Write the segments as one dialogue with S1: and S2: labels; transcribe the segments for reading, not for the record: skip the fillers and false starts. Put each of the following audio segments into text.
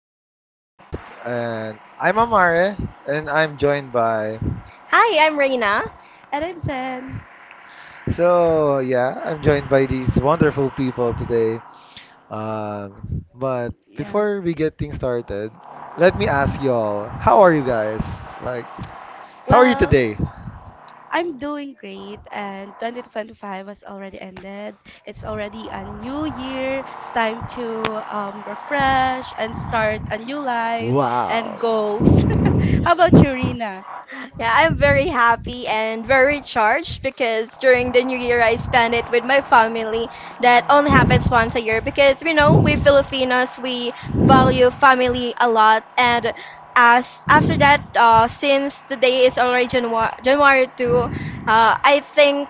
S1: to our podcast. And I'm Amare and I'm joined by...
S2: Hi, I'm Reina.
S3: And I'm Zen.
S1: So, yeah, I'm joined by these wonderful people today. But
S3: Yeah.
S1: before we get things started, let me ask y'all, how are you guys? Like, how are you
S3: Well,
S1: today?
S3: I'm doing great, and 2025 has already ended. It's already a new year, time to refresh and start a new life and
S1: Wow.
S3: goals. How about you, Rina?
S2: Yeah, I'm very happy and very charged because during the new year I spend it with my family. That only happens once a year because, we Filipinos we value family a lot. And as after that, since today is already January 2, I think,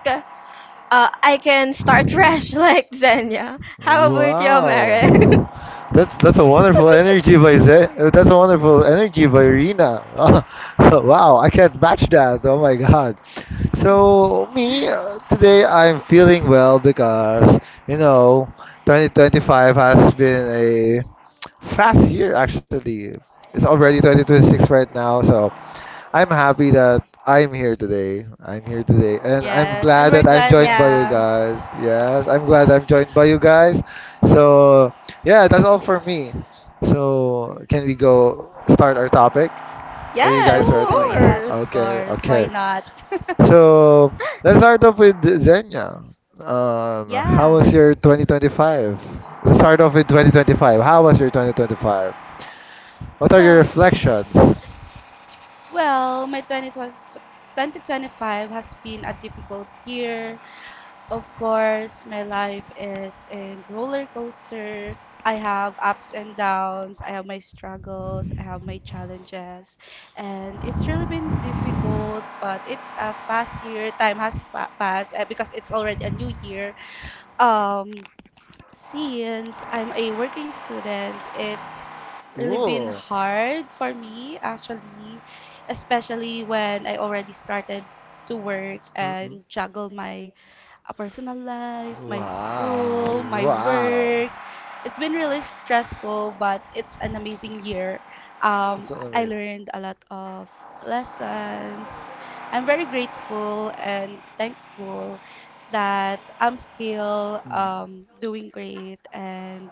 S2: I can start fresh like Xenia. How about you, Mary?
S1: Wow. That's a wonderful energy by Zay. That's a wonderful energy by Rina. Wow, I can't match that. Oh my god. So me today I'm feeling well because you know 2025 has been a fast year actually. It's already 2026 right
S3: Yeah.
S1: now, so I'm happy that I'm here today. I'm here today. And I'm
S3: Yes, and
S1: glad
S3: we're
S1: that I'm
S3: glad.
S1: joined
S3: That,
S1: by you
S2: Yeah.
S3: Mm.
S1: guys. Yes, I'm glad I'm joined by you guys. So, yeah, that's all for me. So, can we go start our topic? Are you guys
S2: Yes, of
S1: ready?
S3: Sure, yes, of
S2: course.
S1: Okay,
S3: course. Why
S1: okay.
S3: not?
S1: So, let's start off with Zenya. How
S3: yeah.
S1: was your 2025? Let's start off with 2025. How was your 2025? What are your
S3: Well,
S1: reflections?
S3: Well, my 2025 has been a difficult year. Of course, my life is a roller coaster. I have ups and downs, I have my struggles, I have my challenges, and it's really been difficult, but it's a fast year. Time has passed because it's already a new year. Um, since I'm a working student, it's really been
S1: Ooh.
S3: hard for me actually, especially when I already started to work and juggle my a personal life, my
S1: Wow,
S3: school, my
S1: wow.
S3: work. It's been really stressful, but it's an amazing year.
S1: That's
S3: I
S1: amazing.
S3: learned a lot of lessons. I'm very grateful and thankful that I'm still
S1: Mm.
S3: doing great and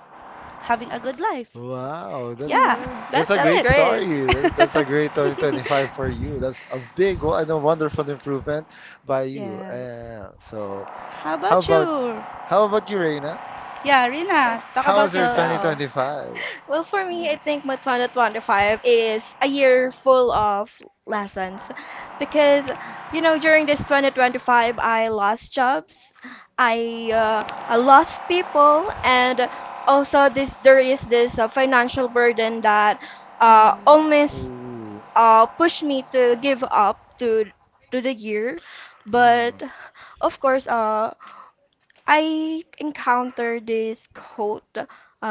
S3: having a good life.
S1: Wow, that's
S3: Yeah,
S2: No.
S1: a
S3: that's
S2: Yeah.
S1: great
S3: it.
S1: story. That's a great 2025 for you. That's a big wo- and a wonderful improvement by you.
S3: yeah.
S1: So,
S3: How
S1: how
S3: about
S1: about
S3: you,
S1: you, Reina?
S3: yeah, Rina, talk
S1: How
S3: about
S1: was your
S2: Uh,
S3: yourself.
S1: 2025?
S2: well, for
S3: Mm.
S2: me, I
S3: Mm.
S2: think my 2025 is a year full of lessons because, during this 2025, I lost jobs, I, uh, I lost people, and also this there is this financial burden that almost
S1: Ooh.
S2: pushed me to give up to the year. But
S1: Mm.
S2: of course, I encountered this quote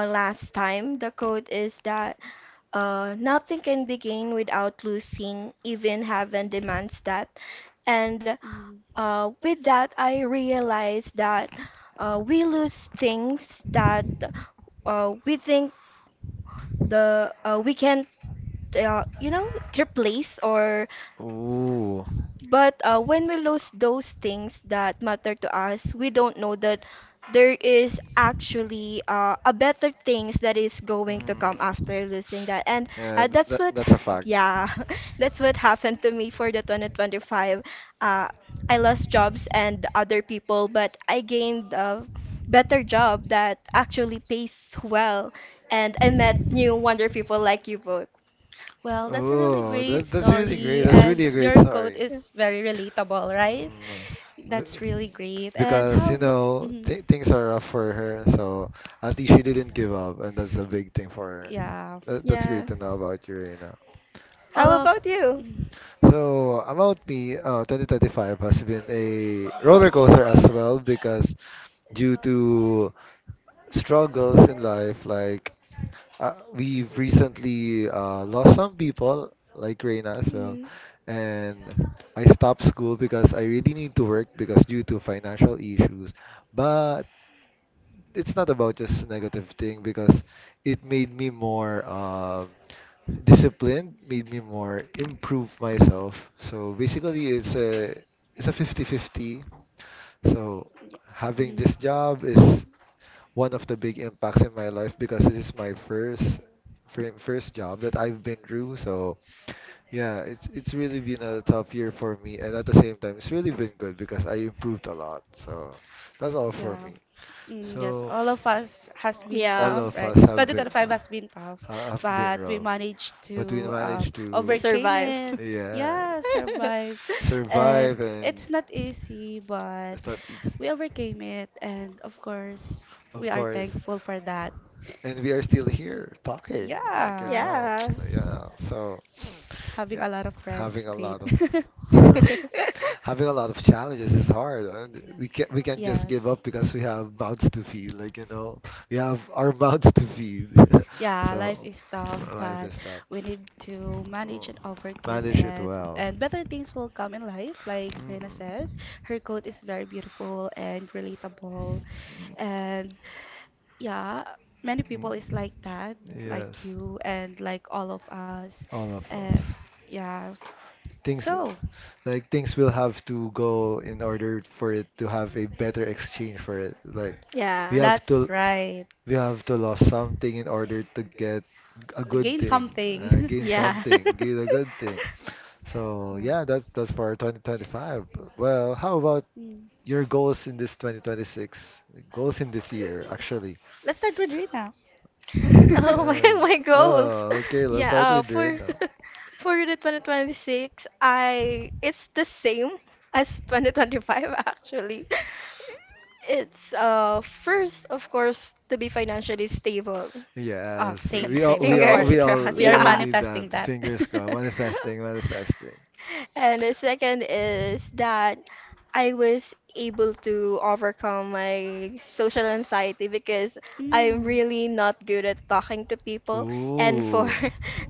S2: last time. The quote is that, nothing can be gained without losing, even heaven demands that. And,
S3: Mm.
S2: with that, I realized that, we lose things that, we think the we can't, uh, you know replace or.
S1: Ooh.
S2: But, when we lose those things that matter to us, we don't know that there is actually, a better things that is going to come
S1: Mm.
S2: after losing that. And,
S1: Yeah,
S2: uh, that's what,
S1: that's a fact.
S2: yeah, that's what happened to me for the 2025. Uh, I lost jobs and other people, but I gained a better job that actually pays well. And I met new wonder people like you both.
S3: Well, that's a really
S1: Oh,
S3: great
S1: that that's really great.
S3: story,
S1: That's really a
S3: and
S1: great
S3: your quote
S1: story.
S2: Yeah.
S3: is very relatable, right?
S1: Mm,
S3: That's
S1: be-
S3: really great. And
S1: Because you
S3: how
S1: know th things are rough for her, so at least she didn't give up, and that's a
S3: Y-
S1: big thing for her.
S3: yeah,
S1: That's great
S2: Yeah.
S1: to know about you right now.
S3: all
S2: How
S3: of.
S2: about you?
S3: Mm,
S1: So about me, 2025 has been a roller coaster as well because due to struggles in life, like... We've recently lost some people, like Reina as well.
S2: Mm,
S1: And I stopped school because I really need to work because due to financial issues. But it's not about just negative thing because it made me more disciplined, made me more improve myself. So basically, it's a 50 50. So having
S3: mm.
S1: this job is one of the big impacts in my life because this is my first first job that I've been through. So yeah, it's really been a tough year for me, and at the same time, it's really been good because I improved a lot. So that's all for
S3: Yeah.
S1: me.
S3: Mm, yes,
S1: So
S3: all of us has been, yeah,
S1: all
S2: yeah,
S3: tough,
S1: of
S3: right?
S1: us
S3: 2025 has been tough,
S1: have been
S3: but we
S1: rough,
S3: managed
S1: but we
S3: to
S1: managed
S2: to
S1: to
S3: overcame
S2: survive.
S3: Survive. It.
S1: yeah
S3: Yeah, survive. And
S1: survive, and
S3: it's not easy, but
S1: it's not easy,
S3: we overcame it. And of course,
S1: of
S3: we are
S1: course.
S3: thankful for that.
S1: And we are still here talking, like you
S3: Yeah,
S1: know,
S3: yeah.
S2: Yeah.
S1: yeah. So.
S3: Having
S1: Yeah,
S3: a lot of friends
S1: having
S3: is
S1: a
S3: great.
S1: lot of... Having a lot of challenges is hard. And we can't just give
S3: Yes.
S1: up because we have mouths to feed. Like you know, we have our mouths to feed.
S3: Yeah, life
S1: So
S3: is tough,
S1: life is
S3: but
S1: tough.
S3: we need to manage
S1: Oh,
S3: and overcome
S1: manage it
S3: it.
S1: well.
S3: And better things will come in life, like Rena
S1: Mm,
S3: said. Her quote is very beautiful and relatable. And yeah, many people is
S1: mm.
S3: like that,
S1: Yes,
S3: like you and like all of us.
S1: all of
S3: And
S1: us.
S3: yeah,
S1: Things,
S3: so
S1: like things will have to go in order for it to have a better exchange for it. Like we
S2: Yeah.
S1: have
S3: that's
S1: to...
S3: right.
S1: We have to lose something in order to get a
S3: To
S1: good
S3: gain
S1: thing,
S3: something.
S1: gain
S2: Yeah.
S1: something, gain a good thing. So
S3: yeah.
S1: yeah, that's for 2025. Well, how about
S3: Mm.
S1: your goals in this 2026? Goals in this year, actually.
S3: Let's start with Rena.
S2: Oh my,
S1: Yes.
S2: my goals.
S1: Oh, okay. Let's
S2: Yeah,
S1: start with
S2: for
S1: Reina.
S2: for the 2026, I it's the same as 2025 actually. It's, first, of course, to be financially stable.
S3: Oh,
S1: Yes,
S3: same,
S1: we all
S3: same.
S1: we
S3: Of
S1: all
S2: Fingers
S1: we
S3: course.
S1: all
S2: crossed.
S3: We
S1: we
S3: are
S1: all
S2: Yeah.
S1: need that.
S3: manifesting that.
S1: Fingers crossed. Manifesting, manifesting.
S2: And the second is that I was able to overcome my social anxiety because I'm really
S3: Mm.
S2: not good at talking to people. And for
S1: Ooh.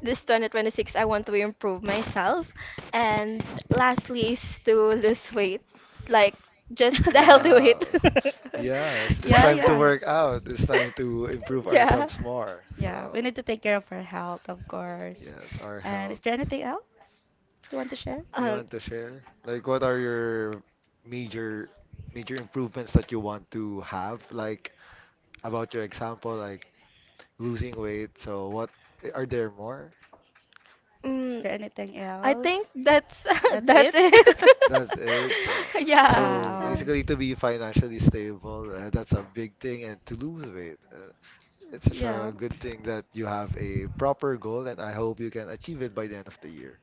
S2: this 2026, I want to improve myself. And lastly is to lose weight, like just the healthy
S1: Wow.
S2: weight.
S1: Yes, it's
S3: Yeah,
S1: time to
S3: yeah, yeah.
S1: work out. It's time to improve
S2: Yeah.
S1: ourselves more.
S3: Yeah,
S1: So,
S3: we need to take care of our health, of course.
S1: yes, our
S3: And
S1: health.
S3: is there anything else you want to share?
S1: You
S2: Uh,
S1: want to share? Like, what are your major improvements that you want to have? Like about your example, like losing weight. So, what... are there more?
S3: Is
S2: Mm,
S3: there anything
S2: I
S3: else?
S2: think that's that's
S3: It.
S2: it.
S1: That's it. So,
S2: Yeah.
S1: so
S3: Yeah.
S1: basically, to be financially stable, that's a big thing, and to lose weight. It's such a
S3: Yeah, yeah.
S1: good thing that you have a proper goal, and I hope you can achieve it by the end of the year.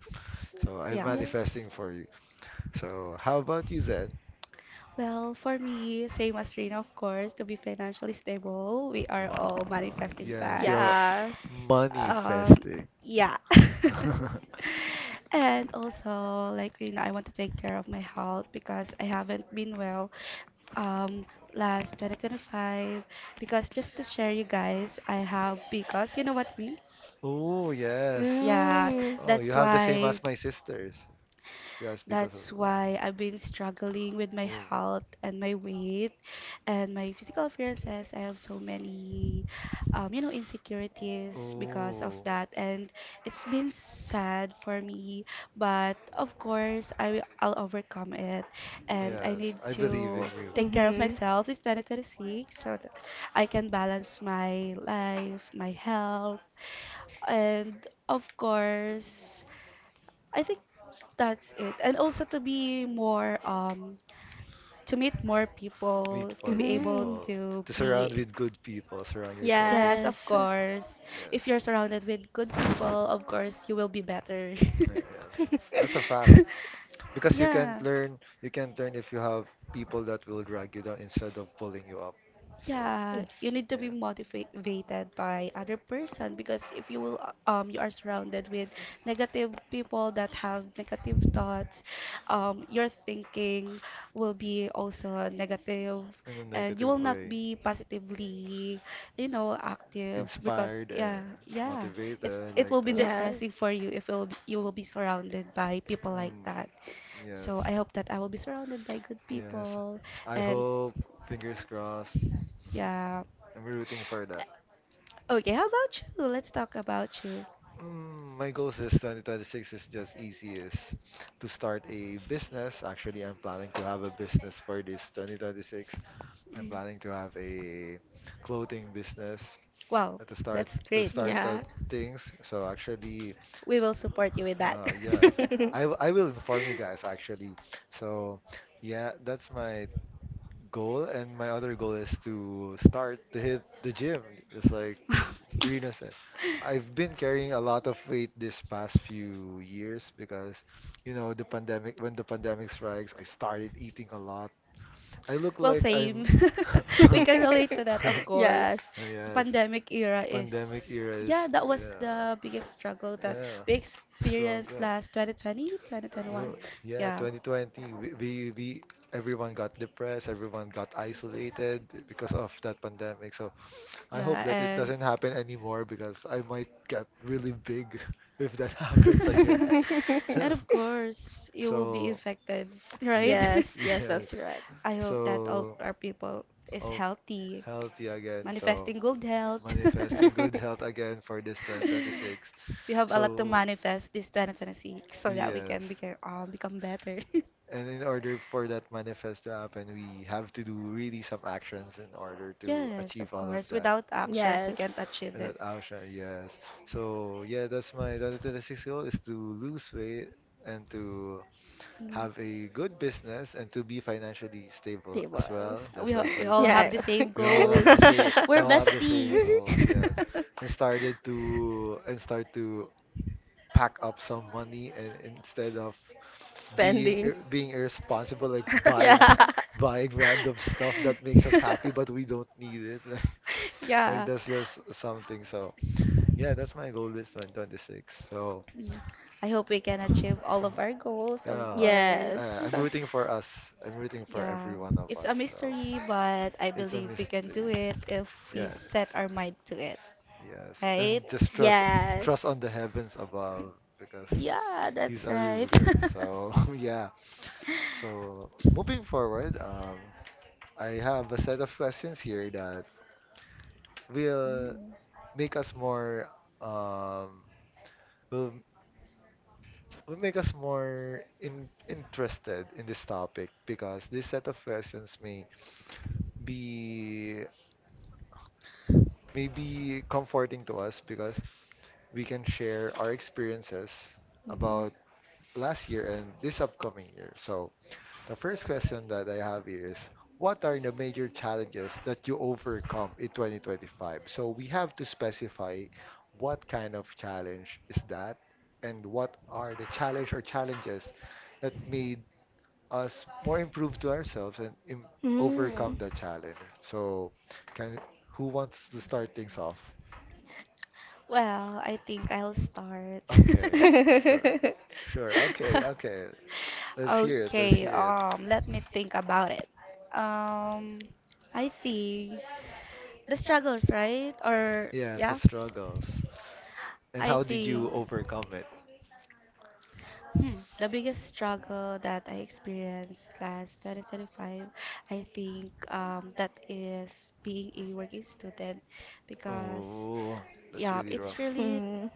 S1: So I'm
S3: Yeah.
S1: manifesting for you. So how about you, Zen?
S3: Well, for me, same as Rina, of course, to be financially stable, we are
S1: Wow.
S3: all manifesting
S1: Yes,
S2: Yeah.
S3: that.
S1: you're
S2: Yeah.
S3: Um,
S1: manifesting.
S3: yeah. And also, like Rina, I want to take care of my health because I haven't been well um last 2025. Because just to share you guys, I have because you know what means?
S1: Oh, yes.
S3: Yeah,
S2: Mm.
S1: Oh, you
S3: that's
S1: have the same
S3: why.
S1: as my sisters. She has because as
S3: That's
S1: well.
S3: why I've been struggling with my health and my weight and my physical appearances. I have so many, you know,
S1: Oh.
S3: insecurities because of
S1: Oh.
S3: that. And it's been sad for me, but of course, I'll overcome it. And I
S1: Yes,
S3: need
S1: I believe in
S3: to
S1: you.
S3: take care of
S2: Mhm.
S3: myself this 2026 so that I can balance my life, my health, and of course, I think that's it. And also to be more, to meet more
S1: Meet
S3: people, to
S1: for
S3: be able
S2: Mhm.
S1: people.
S3: to
S1: To surround
S3: be,
S1: with good people. Surround yourself with
S3: yes,
S1: good
S3: of
S2: Yes.
S1: people.
S3: course.
S1: Yes.
S3: If you're surrounded with good people, of course, you will be better.
S1: Mm, yes. That's a fact. Because
S3: Yeah.
S1: you can't learn if you have people that will drag you down instead of pulling you up. So,
S3: Yeah, you need to be
S1: yeah.
S3: motivated by other person because if you are surrounded with negative people that have negative thoughts, your thinking will be also negative
S1: In a
S3: and you
S1: negative
S3: will not
S1: way.
S3: be positively, you know, active because
S1: Inspired and
S3: yeah, yeah, it
S1: motivated
S3: it
S1: like
S3: will be
S1: that.
S3: depressing
S2: Yes.
S3: for you if it will be, you will be surrounded by people like
S1: Mm,
S3: that.
S1: yes,
S3: So I hope that I will be surrounded by good
S1: yes.
S3: people.
S1: I
S3: And
S1: hope, fingers crossed.
S3: yeah.
S1: I'm rooting for that.
S3: Okay, how about you? Let's talk about you.
S1: Mm, my goals is 2026 is just easy, is to start a business. Actually, I'm planning to have a business for this 2026. I'm
S3: Mm.
S1: planning to have a clothing business
S3: Wow,
S1: at the start,
S3: that's
S1: to
S3: great.
S1: start the
S2: Yeah.
S1: things. So actually,
S3: We will support you with that.
S1: yes, I will inform you guys actually. So yeah, that's my goal, and my other goal is to start to hit the gym. It's like Rina said, I've been carrying a lot of weight this past few years because, you know, the pandemic, when the pandemic strikes, I started eating a lot. I look
S3: Well,
S1: like
S3: same.
S1: I'm...
S3: We can relate to that, of course.
S2: Yes.
S3: The
S1: Yes,
S3: pandemic era
S1: pandemic
S3: is,
S1: era is,
S3: yeah, that was
S1: yeah,
S3: the biggest struggle that
S1: yeah,
S3: we experienced
S1: struggle.
S3: last twenty twenty twenty twenty
S1: Well,
S3: one.
S1: yeah,
S3: Yeah.
S1: 2020, we everyone got depressed, everyone got isolated because of that pandemic. So I hope
S3: Yeah,
S1: that it
S3: and
S1: doesn't happen anymore because I might get really big if that happens again.
S3: and of course, you will be
S1: So,
S3: infected, right?
S1: yes,
S2: Yes, yes, that's
S1: yes.
S2: correct.
S3: I hope that all
S1: So,
S3: our people is
S1: oh,
S3: healthy,
S1: healthy again. So,
S3: manifesting good health.
S1: manifesting good health again for this 2026.
S3: We have a lot to
S1: So,
S3: manifest this 2026 so that we
S1: yes.
S3: can become, become better.
S1: And in order for that manifest to happen, we have to do really some actions in order to
S3: Yes,
S1: achieve
S3: of
S1: all of
S3: course.
S1: that.
S3: Without
S1: Mm.
S3: actions, we can't
S2: Yes.
S3: achieve it.
S1: Without Ausha, yes. So yeah, that's my 2026 goal, is to lose weight and to
S3: Mm.
S1: have a good business and to be financially stable
S2: They
S1: as
S2: Table.
S1: well, just like
S3: We
S1: you
S3: all have
S2: Yeah.
S3: the
S1: guys.
S3: same goals.
S1: We
S3: We're
S1: all have the same
S3: besties.
S1: goals, yes. And start to pack up some money, and instead of being ir
S2: Spending.
S1: being irresponsible, like buying
S2: Yeah.
S1: buying random stuff that makes us happy, but we don't need it. Like,
S3: yeah.
S1: that's just something. So yeah, that's my goal this one twenty six. So
S3: Mm. I hope we can achieve all of our goals, of
S1: yeah,
S2: Yes.
S3: course.
S1: I'm rooting for us. I'm rooting for every
S3: Yeah,
S1: one of
S3: it's
S1: us.
S3: a
S1: So
S3: mystery, but I
S1: it's a
S3: believe we can
S1: mystery.
S3: do it if we
S1: Yes,
S3: set our mind to it,
S1: yes,
S3: right?
S1: and just trust
S2: Yes.
S1: on the heavens above because
S3: Yeah,
S1: he's
S3: that's
S1: our
S3: right.
S1: ruler. So yeah. So moving forward, um... I have a set of questions here that will
S3: Mm.
S1: make us more um will will make us more interested in this topic because this set of questions may be comforting to us because we can share our experiences
S3: Mhm.
S1: about last year and this upcoming year. So the first question that I have here is, what are the major challenges that you overcome in 2025? So we have to specify what kind of challenge is that, and what are the challenge or challenges that made us more improve to ourselves and im overcome
S2: Mm.
S1: the challenge. So can... who wants to start things off?
S3: Well, I think I'll start.
S1: Okay, sure, sure. Okay, okay. Let's hear it. Let's
S3: Okay,
S1: hear it.
S3: let me think about it. Um, I think the struggles, right? Or
S1: Yes, the
S3: yeah,
S1: struggles. And how
S3: I
S1: did you
S3: think
S1: overcome it?
S3: the biggest struggle that I experienced last 2025, I think that is being a working student because
S1: Oh, that's
S3: yeah,
S1: really
S3: it's
S1: rough.
S3: really
S2: Mm.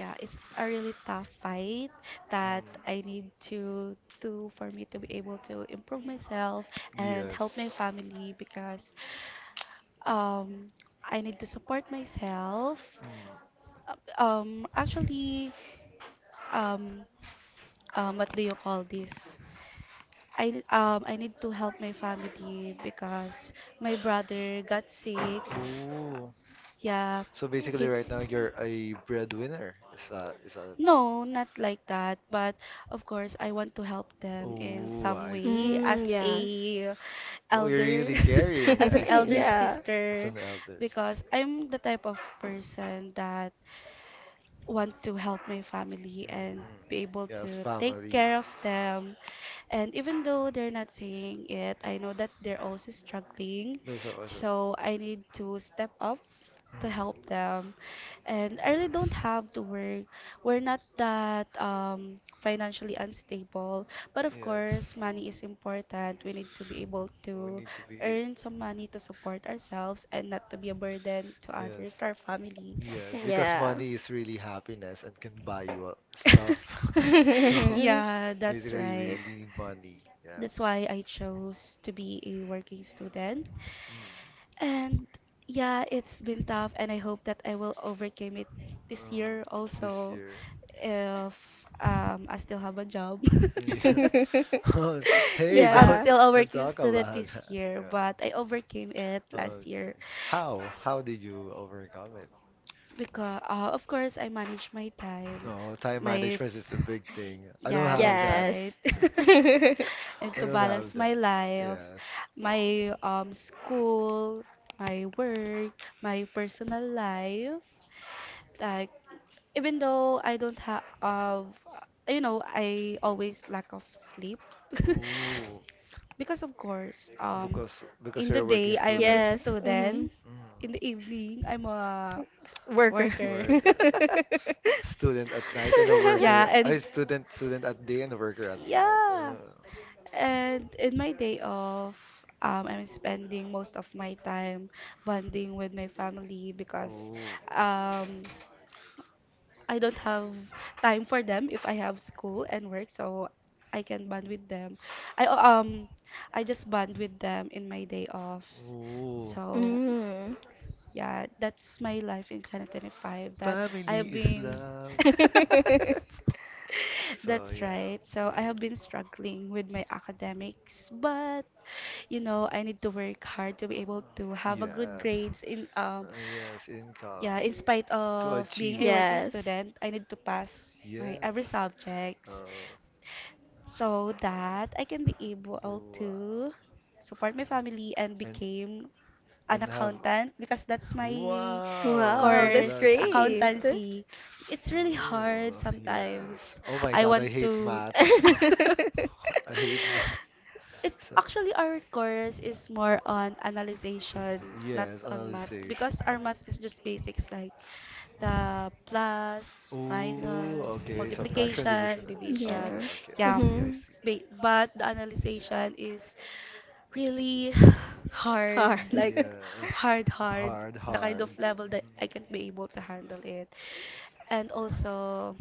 S3: Yeah, it's a really tough fight that I need to do for me to be able to improve myself
S1: Mm,
S3: and help my
S1: yes.
S3: family because um I need to support myself.
S1: Mm.
S3: Actually um what do you call this? I need to help my family because my brother got sick.
S1: Oh,
S3: Yeah.
S1: so basically,
S3: He
S1: right now you're a breadwinner. Is that?
S3: No, not like that, but of course I want to help them in
S1: Oh,
S3: some
S1: I
S3: way
S1: see.
S2: Mm,
S1: I
S3: as
S1: see.
S2: yes.
S1: Oh, you're really
S3: elder,
S1: caring.
S3: as
S1: I
S3: an
S1: see
S3: elder
S1: that.
S2: Yeah.
S1: As
S3: sister
S1: an elder sister.
S3: because I'm the type of person that want to help my family and
S1: Mm,
S3: be able
S1: yes,
S3: to take
S1: family.
S3: care of them. And even though they're not saying it, I know that they're also struggling.
S1: This was it.
S3: So I need to step up to help
S1: Mm,
S3: them. And I really don't have to work. We're not that financially unstable. But of
S1: yes,
S3: course, money is important. We need to be able
S1: we
S3: to
S1: need to be.
S3: earn some money to support ourselves and not to be a burden to others,
S1: Yes,
S3: to our family.
S1: yes, because
S2: Yeah.
S1: money is really happiness and can buy you stuff. So
S3: Yeah, that's
S1: basically, we
S3: right.
S1: really need money. Yeah.
S3: That's why I chose to be a working student. And
S1: Yeah,
S3: yeah, it's been tough, and I hope that I will overcome it this year
S1: this
S3: also
S1: year
S3: if I still have a job.
S1: this year. Yeah. Oh, hey, yeah,
S3: If I'm
S2: Yeah.
S3: still a
S1: don't
S3: working
S1: talk
S3: student
S1: about
S3: this
S1: that.
S3: year,
S1: Yeah.
S3: but I overcame it last
S1: Okay.
S3: year.
S1: How? So, how did you overcome it?
S3: Because, of course, I manage my time.
S1: No, time
S3: My,
S1: management is a big thing. I don't
S3: yeah,
S1: have
S3: that's
S1: that.
S3: right.
S2: Yes.
S3: And
S1: I
S3: to
S1: don't have
S3: balance my
S1: that.
S3: life,
S1: Yes.
S3: my school, my work, my personal life. Like, even though I don't have, you know, I always lack of sleep.
S1: Ooh,
S3: Because of course,
S1: because
S3: in
S1: you're
S3: the
S1: a working
S3: day I am a
S1: student.
S2: Yes. Hmm.
S3: student,
S1: Student. Mm.
S3: in the evening I'm a
S2: Worker.
S3: worker.
S1: Student at night and a
S3: Yeah,
S1: worker.
S3: and
S1: Student at day and a worker at night.
S3: yeah, and in my day off, I'm spending most of my time bonding with my family
S1: Uh,
S3: because
S1: ooh,
S3: um, I don't have time for them if I have school and work, so I can bond with them. I um I just bond with them in my day offs.
S1: Ooh.
S3: So
S2: Mm.
S3: yeah, that's my life in 2025 that I
S1: Family
S3: have
S1: is
S3: been.
S1: love. So
S3: That's
S1: yeah,
S3: right. So I have been struggling with my academics, but you know, I need to work hard to be able to have a
S1: yes.
S3: good grades in
S1: Yes, income
S3: yeah, in spite
S1: to
S3: of being
S1: achieve.
S3: a working
S2: Yes.
S3: student, I need to pass my
S1: Yes.
S3: every subjects
S1: Uh,
S3: so that I can be able
S1: wow.
S3: to support my family and
S1: And
S3: became an
S1: and have.
S3: accountant because that's my
S1: Wow,
S2: Wow,
S1: that's a
S2: that's
S1: lot
S3: course,
S1: here.
S2: great.
S3: accountancy. It's really hard
S1: Ooh, yes.
S3: sometimes.
S1: Oh my
S3: I
S1: God,
S3: want
S1: I hate
S3: to.
S1: math. I hate math.
S3: It's
S1: So,
S3: actually our course is more on analyzation, not
S1: yes,
S3: on math,
S1: analysis.
S3: because our math is just basics like the plus,
S1: Ooh,
S3: minus,
S1: okay, subtraction, division,
S3: multiplication,
S1: and
S3: division.
S1: okay,
S2: Yeah.
S1: okay, I
S3: Yeah,
S1: see, I
S2: Mhm.
S1: see.
S3: it's but the analyzation is really
S2: Hard.
S3: hard, like
S1: Yes,
S3: hard, hard,
S1: hard,
S3: the kind of
S1: hard.
S3: level that I
S1: Mm.
S3: can't be able to handle it. And also,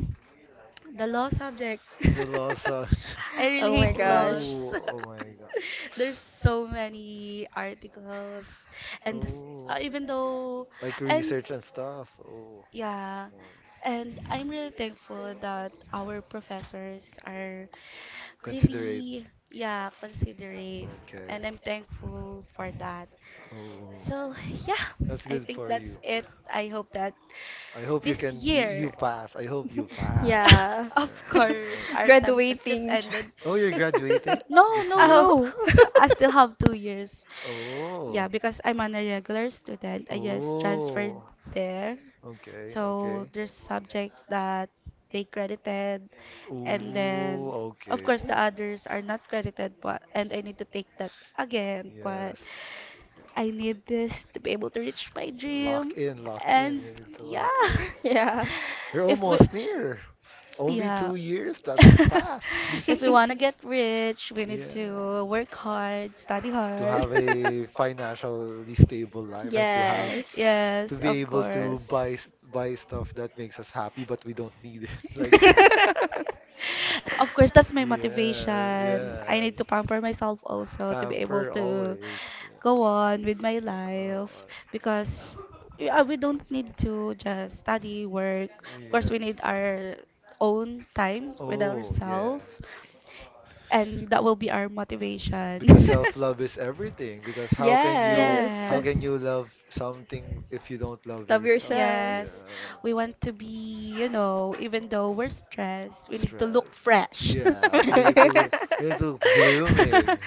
S3: the law subject.
S1: The loss of.
S3: I really
S2: Oh my
S3: hate
S2: gosh.
S3: laws.
S1: Oh, oh my god.
S3: There's so many articles, and this,
S1: Oh.
S3: even though,
S1: Like
S3: and
S1: research and stuff. Oh,
S3: yeah,
S1: oh my.
S3: and I'm really thankful that our professors are
S1: Considerate.
S3: really, yeah, considerate,
S1: Okay.
S3: and I'm thankful for that.
S1: Oh,
S3: So yeah,
S1: that's
S3: I
S1: good
S3: think
S1: for
S3: that's
S1: you.
S3: it. I hope that
S1: I hope you
S3: this
S1: can.
S3: year,
S1: You pass. I hope you pass.
S2: Yeah.
S3: of
S1: Yeah.
S3: course, our SEM has just
S2: Graduating. Char-
S3: ended.
S1: Oh, you're graduating
S3: No,
S1: this
S3: no,
S1: year?
S2: Oh.
S3: no. I still have 2 years. Yeah,
S1: Oh.
S3: because I'm an irregular student. I just transferred
S1: Oh.
S3: there.
S1: Okay,
S3: So
S1: okay.
S3: there's subject that they credited, and then
S1: Ooh,
S3: of
S1: okay.
S3: course the others are not credited, but and I need to take that again. But
S1: Yes.
S3: I need this to be able to reach my dream,
S1: Lock in, lock in.
S3: and
S1: You need to lock
S3: yeah.
S1: in.
S2: Yeah.
S1: You're
S3: If we,
S1: almost near. Only
S3: yeah.
S1: 2 years. That's fast. You
S3: If we
S1: see
S3: want to get
S1: this.
S3: rich, we need
S1: Yeah.
S3: to work hard, study
S1: To
S3: hard.
S1: have a financially stable life and to have
S2: Yes.
S1: to
S3: Yes,
S1: be
S3: of
S1: able to
S3: course.
S1: buy stuff that makes us happy, but we don't need it like that.
S3: Of course, that's my
S1: Yeah,
S3: motivation. I
S1: yeah.
S3: need to pamper myself also to be able
S1: Pamper
S3: to
S1: always. Yeah.
S3: go on with my
S1: Oh,
S3: life
S1: I-
S3: because yeah, we don't need to just study, work. Of course, we need
S1: yes.
S3: our own time with
S1: Oh, yes.
S3: ourselves and that will be our motivation.
S1: Because self-love is everything. Because how can you
S2: Yes.
S1: how can
S3: Yes.
S1: you love something if you don't love
S2: Love
S1: yourself?
S2: yourself.
S3: Yes, we
S1: Yeah.
S3: want to be, you know, even though we're stressed, we need to
S1: Stress.
S3: look fresh.
S1: Yes, we need to look blooming.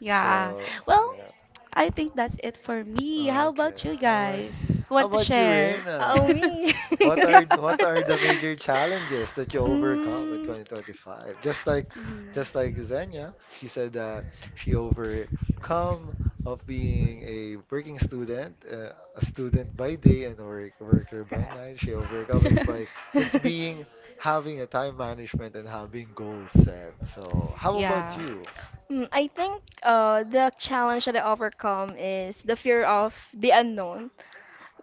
S3: Yeah.
S1: So
S3: Well,
S1: yeah.
S3: I think that's it for me. How
S1: Okay.
S3: about you
S1: How about you?
S3: guys? Who
S1: How
S3: want to
S1: about you,
S3: share?
S2: Oh
S1: Reina?
S2: me.
S1: What are what are the major challenges that you overcome in 2025? Just like
S3: Mhm.
S1: Xenia, she said that she overcome of being a working student, a student by day and a worker by night. She overcome it by just
S2: Mm.
S1: being having a time management and having goals set. So, how about you?
S2: Mm, I think, the challenge that I overcome is the fear of the unknown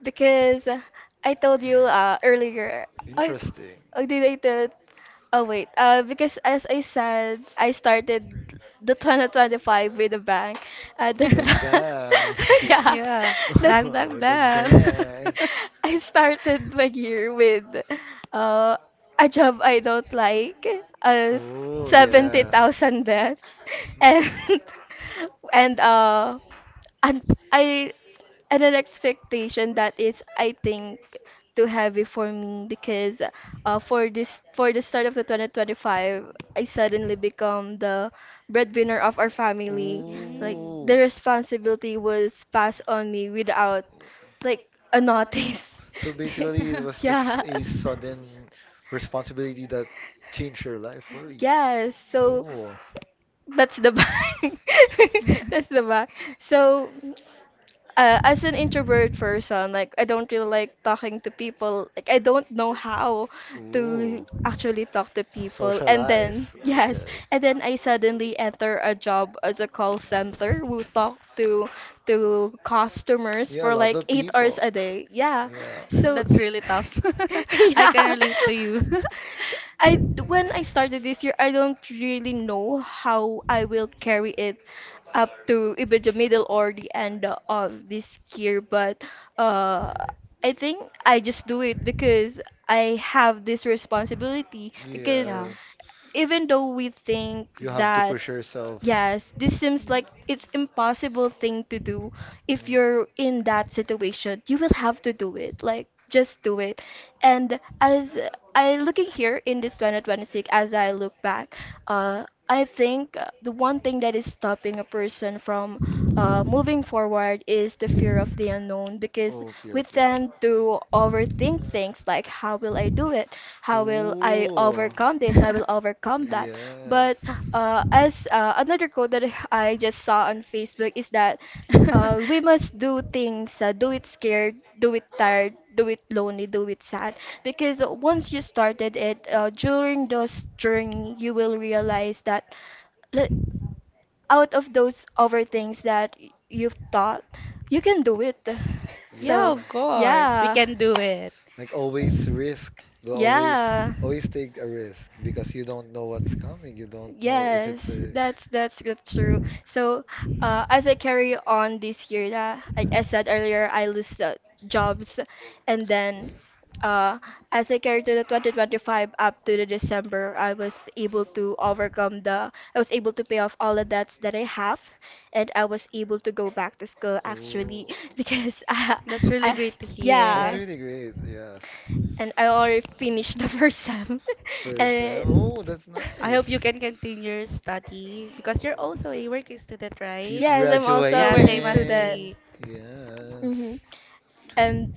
S2: because, I told you, earlier. I
S1: Interesting.
S2: Oh, did I tell it? Oh wait. Because as I said, I started the 2025 with a bang. That.
S1: With a bang.
S2: Yeah, that.
S3: Bang, bang,
S1: With a
S3: bang.
S1: bang.
S3: Start.
S2: I started my year with, uh, a job I don't like. Uh,
S1: Oh
S2: 70,000 debt. And and uh and I and an expectation that is, I think, too heavy for me. Because, for this for the start of the 2025, I suddenly become the breadwinner of our
S1: yeah.
S2: family, like the
S1: Ooh.
S2: responsibility was passed on me without, like, a notice.
S1: So basically, it was just
S2: Yeah.
S1: a sudden responsibility that changed your life fully.
S2: Yes, so that's the bag. That's the bag. So, as an introvert person, like I don't really like talking to people. Like I don't know how to
S1: Ooh. Ooh.
S2: actually talk to people. And then
S1: Socialize.
S2: yes,
S1: Okay.
S2: and then I suddenly enter a job as a call center who talk to customers
S1: Yeah,
S2: for
S1: lots
S2: like
S1: like of
S2: 8 hours
S1: people.
S2: a day. Yeah,
S1: Yeah.
S2: so
S3: That's really tough.
S2: yeah.
S3: Relate to you.
S2: I When I started this year, I don't really know how I will carry it up to even the middle or the end of this year. But, uh I think I just do it because I have this responsibility, because
S1: Yes.
S2: even though we think
S1: You have to
S2: that,
S1: push yourself.
S2: yes, this seems like it's impossible thing to do. If
S1: Mm.
S2: you're in that situation, you will have to do it, like just do it. And as I looking here in this 2026, as I look back, I think, the one thing that is stopping a person from, moving forward is the fear of the unknown because
S1: Oh, fear
S2: we
S1: of the unknown.
S2: tend to overthink things, like, how will I do it? How will I
S1: Oh,
S2: overcome this? I will overcome that.
S1: yeah,
S2: But, as, another quote that I just saw on Facebook is that, we must do things, do it scared, do it tired, do it lonely, do it sad. Because once you started it, during those journey, you will realize that, le- out of those other things that you've thought, you can do it.
S3: Yeah,
S2: So,
S1: yeah.
S3: of course. We
S2: yeah.
S3: can do it.
S1: Like always risk. They Always,
S2: Yeah.
S1: always take a risk because you don't know what's coming. You don't know if it's
S2: Yes,
S1: a.
S2: that's true. So, as I carry on this year, like I said earlier, I lose the jobs. And then, uh, as I carry to the 2025 up to the December, I was able to overcome the. I was able to pay off all the debts that I have, and I was able to go back to school actually
S1: Oh,
S2: because
S3: That's really
S2: I
S3: great to
S1: that's
S2: yeah,
S3: hear.
S1: really great. Yes,
S2: and I already finished the first time.
S1: first.
S2: And
S1: Oh, that's
S3: I hope you
S1: nice.
S3: can continue your study because you're
S1: Oh.
S3: also a working student, right?
S1: She's
S2: yes, I'm also a
S3: Yeah,
S2: working
S3: same as
S2: student.
S1: graduating.
S3: me.
S2: Hmm.
S1: Yes.
S2: And,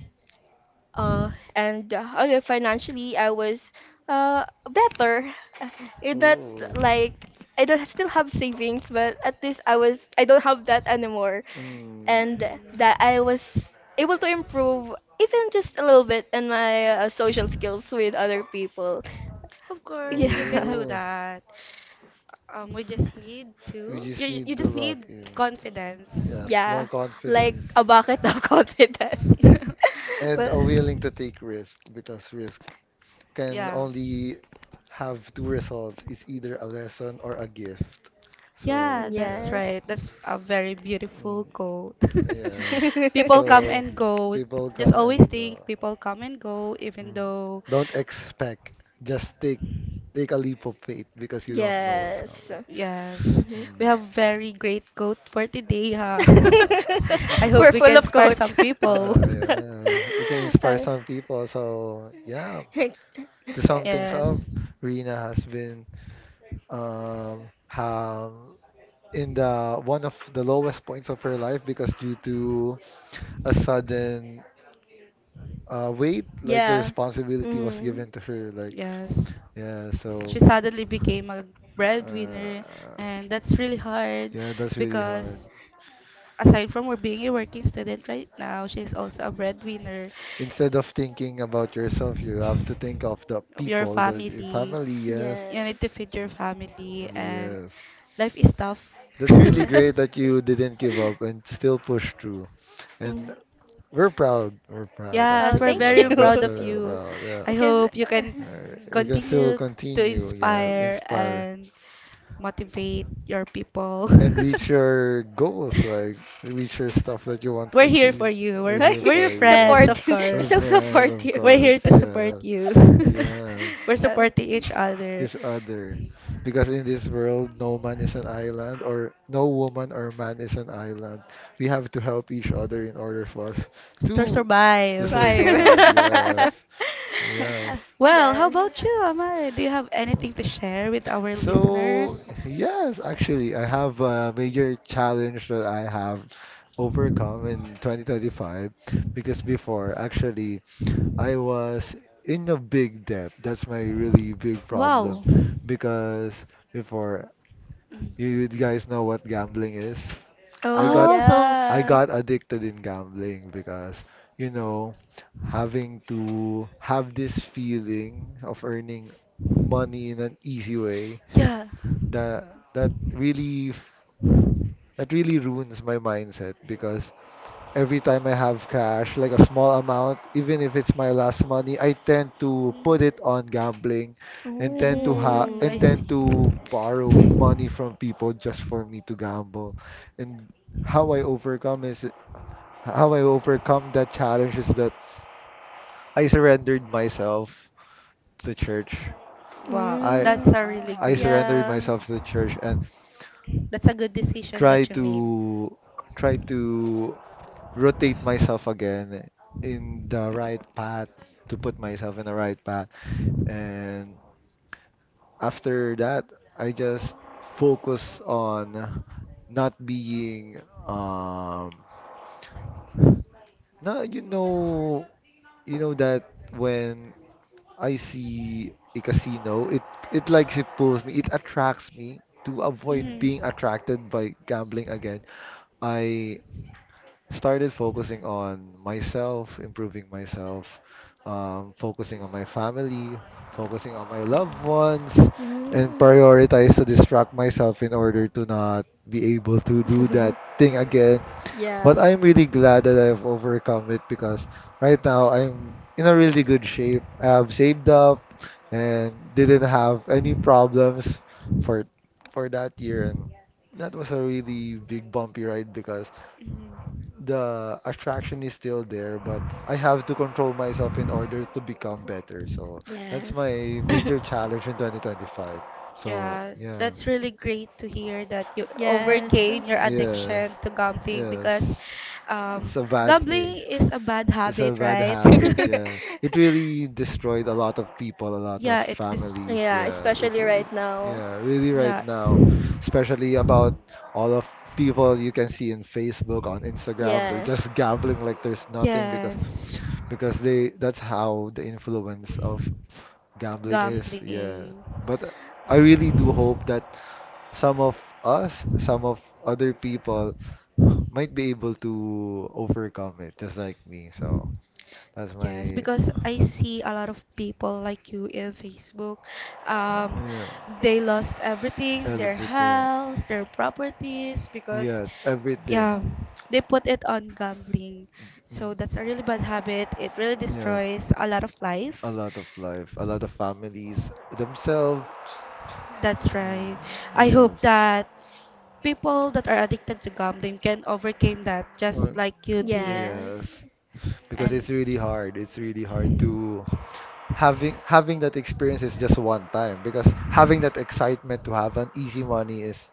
S2: uh, okay, financially, I was, better. Uh, It not
S1: Oh.
S2: like I don't still have savings, but at least I don't have that anymore,
S1: Mm.
S2: and that I
S3: Mhm.
S2: was able to improve even just a little bit in my, social skills with other people.
S3: Of course, you can
S2: Yeah.
S3: do
S1: Oh.
S3: that. We just need
S1: We
S3: to.
S1: just
S3: You
S1: need to
S3: just
S1: lock
S3: need
S1: in.
S3: confidence.
S1: Yes,
S2: Yeah.
S1: more
S2: Like
S1: confidence.
S2: a bucket of confidence.
S1: And
S2: Well,
S1: are willing to take risk because risk can
S3: Yeah.
S1: only have two results. It's either a lesson or a gift. So,
S3: Yeah, that's
S1: yeah.
S3: right.
S2: yes.
S3: That's a very beautiful
S1: Mm,
S3: quote.
S1: yes.
S3: People come
S1: So,
S3: and go.
S1: people
S3: Just
S1: come
S3: always
S1: and
S3: think
S1: go.
S3: people come and go, even
S1: Mm.
S3: though,
S1: Don't expect. Just take take a leap of faith because you don't know what's
S2: Yes.
S1: coming.
S3: yes,
S2: Mhm.
S1: Mm.
S3: we have very great quote for today, huh?
S1: Wow.
S3: I
S2: We're
S3: hope we
S2: full
S3: can
S2: of
S3: inspire
S2: quotes.
S3: some people.
S1: Yeah. We can inspire
S2: Uh,
S1: some people. So yeah, to sum things up,
S3: Yes,
S1: Rina has been um um in the one of the lowest points of her life because due to a sudden weight, like the
S2: yeah.
S1: responsibility was
S2: Mm.
S1: given to her. Like
S3: yes.
S1: yeah,
S3: She
S1: so
S3: suddenly became a breadwinner,
S1: uh,
S3: and that's really hard
S1: yeah, that's really hard.
S3: because aside from her being a working student right now, she's also a breadwinner
S1: Instead of thinking about yourself, you have to think of the
S3: of your
S1: people, the your
S3: family.
S1: family, yes.
S2: Yeah.
S3: You need to feed your family, and
S1: Yes.
S3: life is tough.
S1: That's really great that you didn't give up and still push through. And
S2: Mm.
S1: we're proud. We're proud,
S2: Oh,
S3: Yes, we're
S1: actually.
S2: thank
S3: very
S1: Yeah, that's
S3: proud
S2: you.
S1: what
S3: of
S1: we're
S3: you.
S1: proud.
S3: I
S1: Yeah.
S2: Because,
S3: hope you can
S1: You can still
S3: continue to
S1: continue. Yeah.
S3: inspire
S1: Inspire
S3: and motivate your people.
S1: and reach your goals, like reach your stuff that you want to
S3: We're here for
S1: achieve.
S3: you. We're
S1: We're
S2: uh,
S1: here
S3: we're your
S1: for you.
S3: friends, of
S2: support, you're
S1: We're
S2: so
S3: course.
S1: friends, of
S2: supportive.
S3: We're here
S1: course.
S3: to support
S1: Yeah.
S3: you.
S1: Yes.
S3: We're
S2: Uh,
S3: supporting each other
S1: Each other. Because in this world, no man is an island, or no woman or man is an island. We have to help each other in order for us
S3: to
S1: to to
S3: survive.
S2: right.
S1: survive. Yes, yes.
S2: Uh,
S3: Well, how
S2: yeah.
S3: about you, Amari? Do you have anything to share with our
S1: So,
S3: listeners?
S1: yes, actually, I have a major challenge that I have overcome in 2025 because before, actually, I was in a big debt. That's my really big problem
S3: Wow. Mm.
S1: because before you guys know what gambling is. I
S2: Oh,
S1: got
S3: Oh, so
S1: I
S2: yeah.
S1: got addicted in gambling because you know having to have this feeling of earning money in an easy way
S3: yeah.
S1: that that really that really ruins my mindset because every time I have cash, like a small amount, even if it's my last money, I tend to
S3: Mm.
S1: put it on gambling and
S3: To have, mm, I
S2: Oh.
S1: tend
S3: see.
S1: to borrow money from people just for me to gamble. And how I overcome is how I overcome that challenge is that I surrendered myself to the church.
S3: Wow,
S1: I
S3: that's
S2: Mm.
S3: a really
S1: I
S3: great.
S1: surrendered
S2: Yeah.
S1: myself to the church and
S3: That's a good decision
S1: try
S3: that you made.
S1: to try to rotate myself again in the right path to put myself in the right path. And after that, I just focus on not being um no you know that when I see a casino it likes it pulls me it attracts me to avoid
S3: Mm-hmm.
S1: being attracted by gambling again. I started focusing on myself, improving myself, focusing on my family, focusing on my loved ones, and
S2: Mm.
S1: prioritize to distract myself in order to not be able to do that thing again.
S2: Yeah.
S1: But I'm really glad that I've overcome it because right now I'm in a really good shape. I have saved up and didn't have any problems for for that year, and that was a really big bumpy ride because
S3: Mm-hmm.
S1: the attraction is still there, but I have to control myself in order to become better. So that's
S2: Yes.
S1: my major challenge in 2025. So
S3: Yeah,
S1: yeah,
S3: that's really great to hear that you
S2: Yes.
S3: overcame your
S1: yes,
S3: addiction to gambling because
S1: yes,
S3: um,
S1: it's a bad
S3: gambling
S1: thing.
S3: is a bad
S1: It's a
S3: habit,
S1: bad
S3: right?
S1: habit, yeah. It really destroyed a lot of people, a lot of
S3: Yeah, it this
S1: families,
S2: Yeah,
S1: yeah. It's
S2: especially
S1: re
S2: right now.
S1: yeah, really right
S3: yeah.
S1: now, especially about all of people you can see in Facebook, on Instagram, they're
S2: Yes.
S1: just gambling like there's nothing because
S3: Yes.
S1: because they that's how the influence of gambling is, yeah.
S3: Gambling.
S1: But I really do hope that some of some of other people might be able to overcome it, just like me, so that's
S3: Yes,
S1: my
S3: because I see a lot of people like you in Facebook. Um,
S1: yeah,
S3: they lost everything, their
S1: everything.
S3: house, their properties,
S1: Yes,
S3: because
S1: Yes. Everything.
S3: yeah, they put it on gambling. So
S1: Mm,
S3: that's a really bad habit. It really
S1: yes,
S3: destroys a lot of
S1: a
S3: life.
S1: lot of life, a lot of families themselves.
S3: That's right.
S1: Mm,
S3: I hope
S1: yes.
S3: that people that are addicted to gambling can overcome that, just
S1: Well,
S3: like you did.
S1: yes,
S2: Yes.
S1: because
S3: And
S1: it's really hard. It's really hard to having that experience is just one time because having that excitement to have an easy money is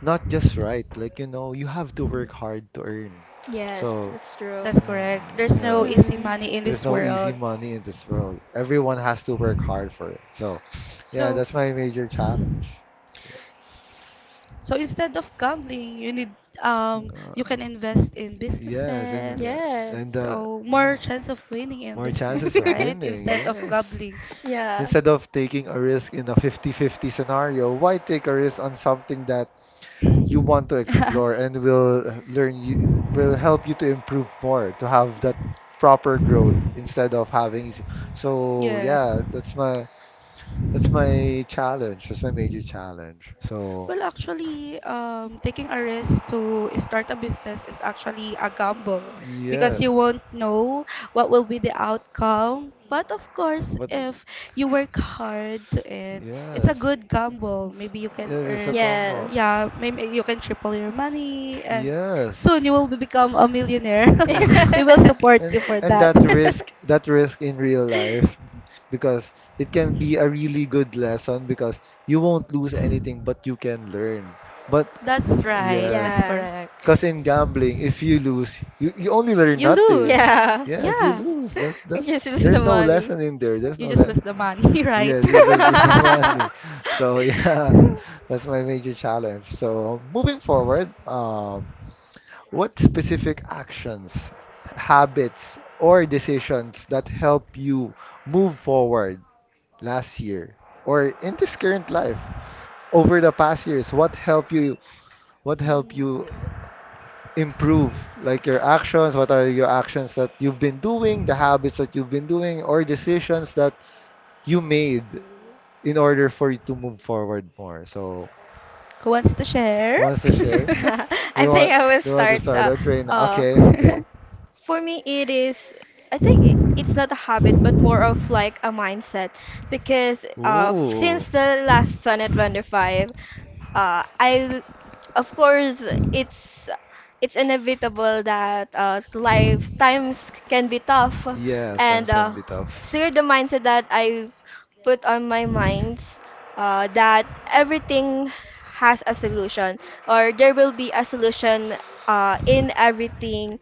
S1: not just right. Like, you know, you have to work hard to earn.
S2: Yes,
S1: So
S2: that's true.
S3: that's
S1: Um,
S3: correct. There's no
S1: yes.
S3: easy
S2: Mm-hmm.
S3: money in
S1: There's
S3: this
S1: no easy
S3: world.
S1: money in this world. Everyone has to work hard for it. So, yeah,
S3: So,
S1: that's my major challenge.
S3: so instead of gambling, you need you
S1: Uh,
S3: can invest in
S1: yes,
S3: businesses.
S1: invest and
S2: Yes.
S3: So
S1: mm,
S3: more chance of winning in
S1: more chances
S3: business,
S1: of
S3: right?
S1: winning.
S3: Instead of
S1: Yes.
S3: gambling.
S2: Yeah.
S1: Instead of taking a risk in a 50-50 scenario, why take a risk on something that you want to explore and will learn you will help you to improve more, to have that proper growth instead of having. Easy. So,
S3: Yeah.
S1: yeah, that's my That's my challenge. That's my major challenge. So,
S3: Well, actually, taking a risk to start a business is actually a gamble
S1: yeah.
S3: because you won't know what will be the outcome. But of course,
S1: But,
S3: if you work hard to it, it's a
S1: yes.
S3: good gamble. Maybe you can
S1: Yes, it's a
S3: earn,
S1: combo.
S2: Yes.
S3: yeah, maybe you can triple your money, and soon
S1: Yes.
S3: you will be- become a millionaire. We will support you
S1: And
S3: for
S1: and
S3: that.
S1: that risk in real life, because it can be a really good lesson because you won't lose anything, but you can learn. But
S3: That's right. That's
S1: yes,
S2: Yeah.
S3: correct.
S1: because in gambling, if you lose, you only learn
S3: You
S1: nothing.
S3: lose.
S2: Yeah.
S1: Yes, you
S3: Yeah.
S1: lose. That's
S2: Just lose the
S1: there's no
S2: money.
S1: lesson in there. There's
S3: You
S1: no
S3: just
S1: lesson.
S3: lose the money, right?
S1: Yes, it's the Susamani. So yeah, that's my major challenge. So moving forward, what specific actions, habits, or decisions that help you move forward last year or in this current life? Over the past years, what help
S3: Hmm.
S1: you improve like your actions? What are your actions that you've been doing, the habits that you've been doing, or decisions that you made in order for you to move forward more. So,
S3: Who wants to share?
S1: who wants to share? Do
S2: I
S1: you
S2: think
S1: want
S2: I will
S1: do you want to
S2: start,
S1: start or train?
S2: uh
S1: Okay, okay.
S2: for me, it is, I think, it's not a habit, but more of like a mindset. Because, since the last Planet 25, I, of course, it's inevitable that, life times can be tough.
S1: Yes, times
S2: And,
S1: can be tough.
S2: so the mindset that I put on my mind, that everything has a solution, or there will be a solution, in everything.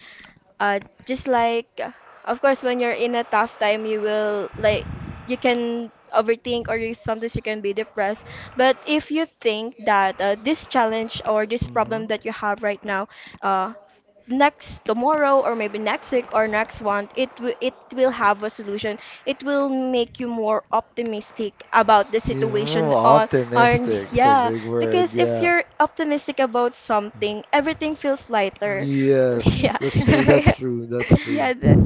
S2: uh just like, of course, when you're in a tough time you will like, you can overthink, or you, sometimes you can be depressed. But if you think that, this challenge or this
S1: Mhm.
S2: problem that you have right now, uh next tomorrow or maybe next week or next month, it will have a solution. It will make you more optimistic about the
S1: You know,
S2: situation on,
S1: optimistic it's a
S2: yeah,
S1: big word,
S2: because if
S1: yeah.
S2: you're optimistic about something, everything feels lighter.
S1: Yes,
S2: Yeah.
S1: that's true, that's true, that's true.
S2: Yeah, the,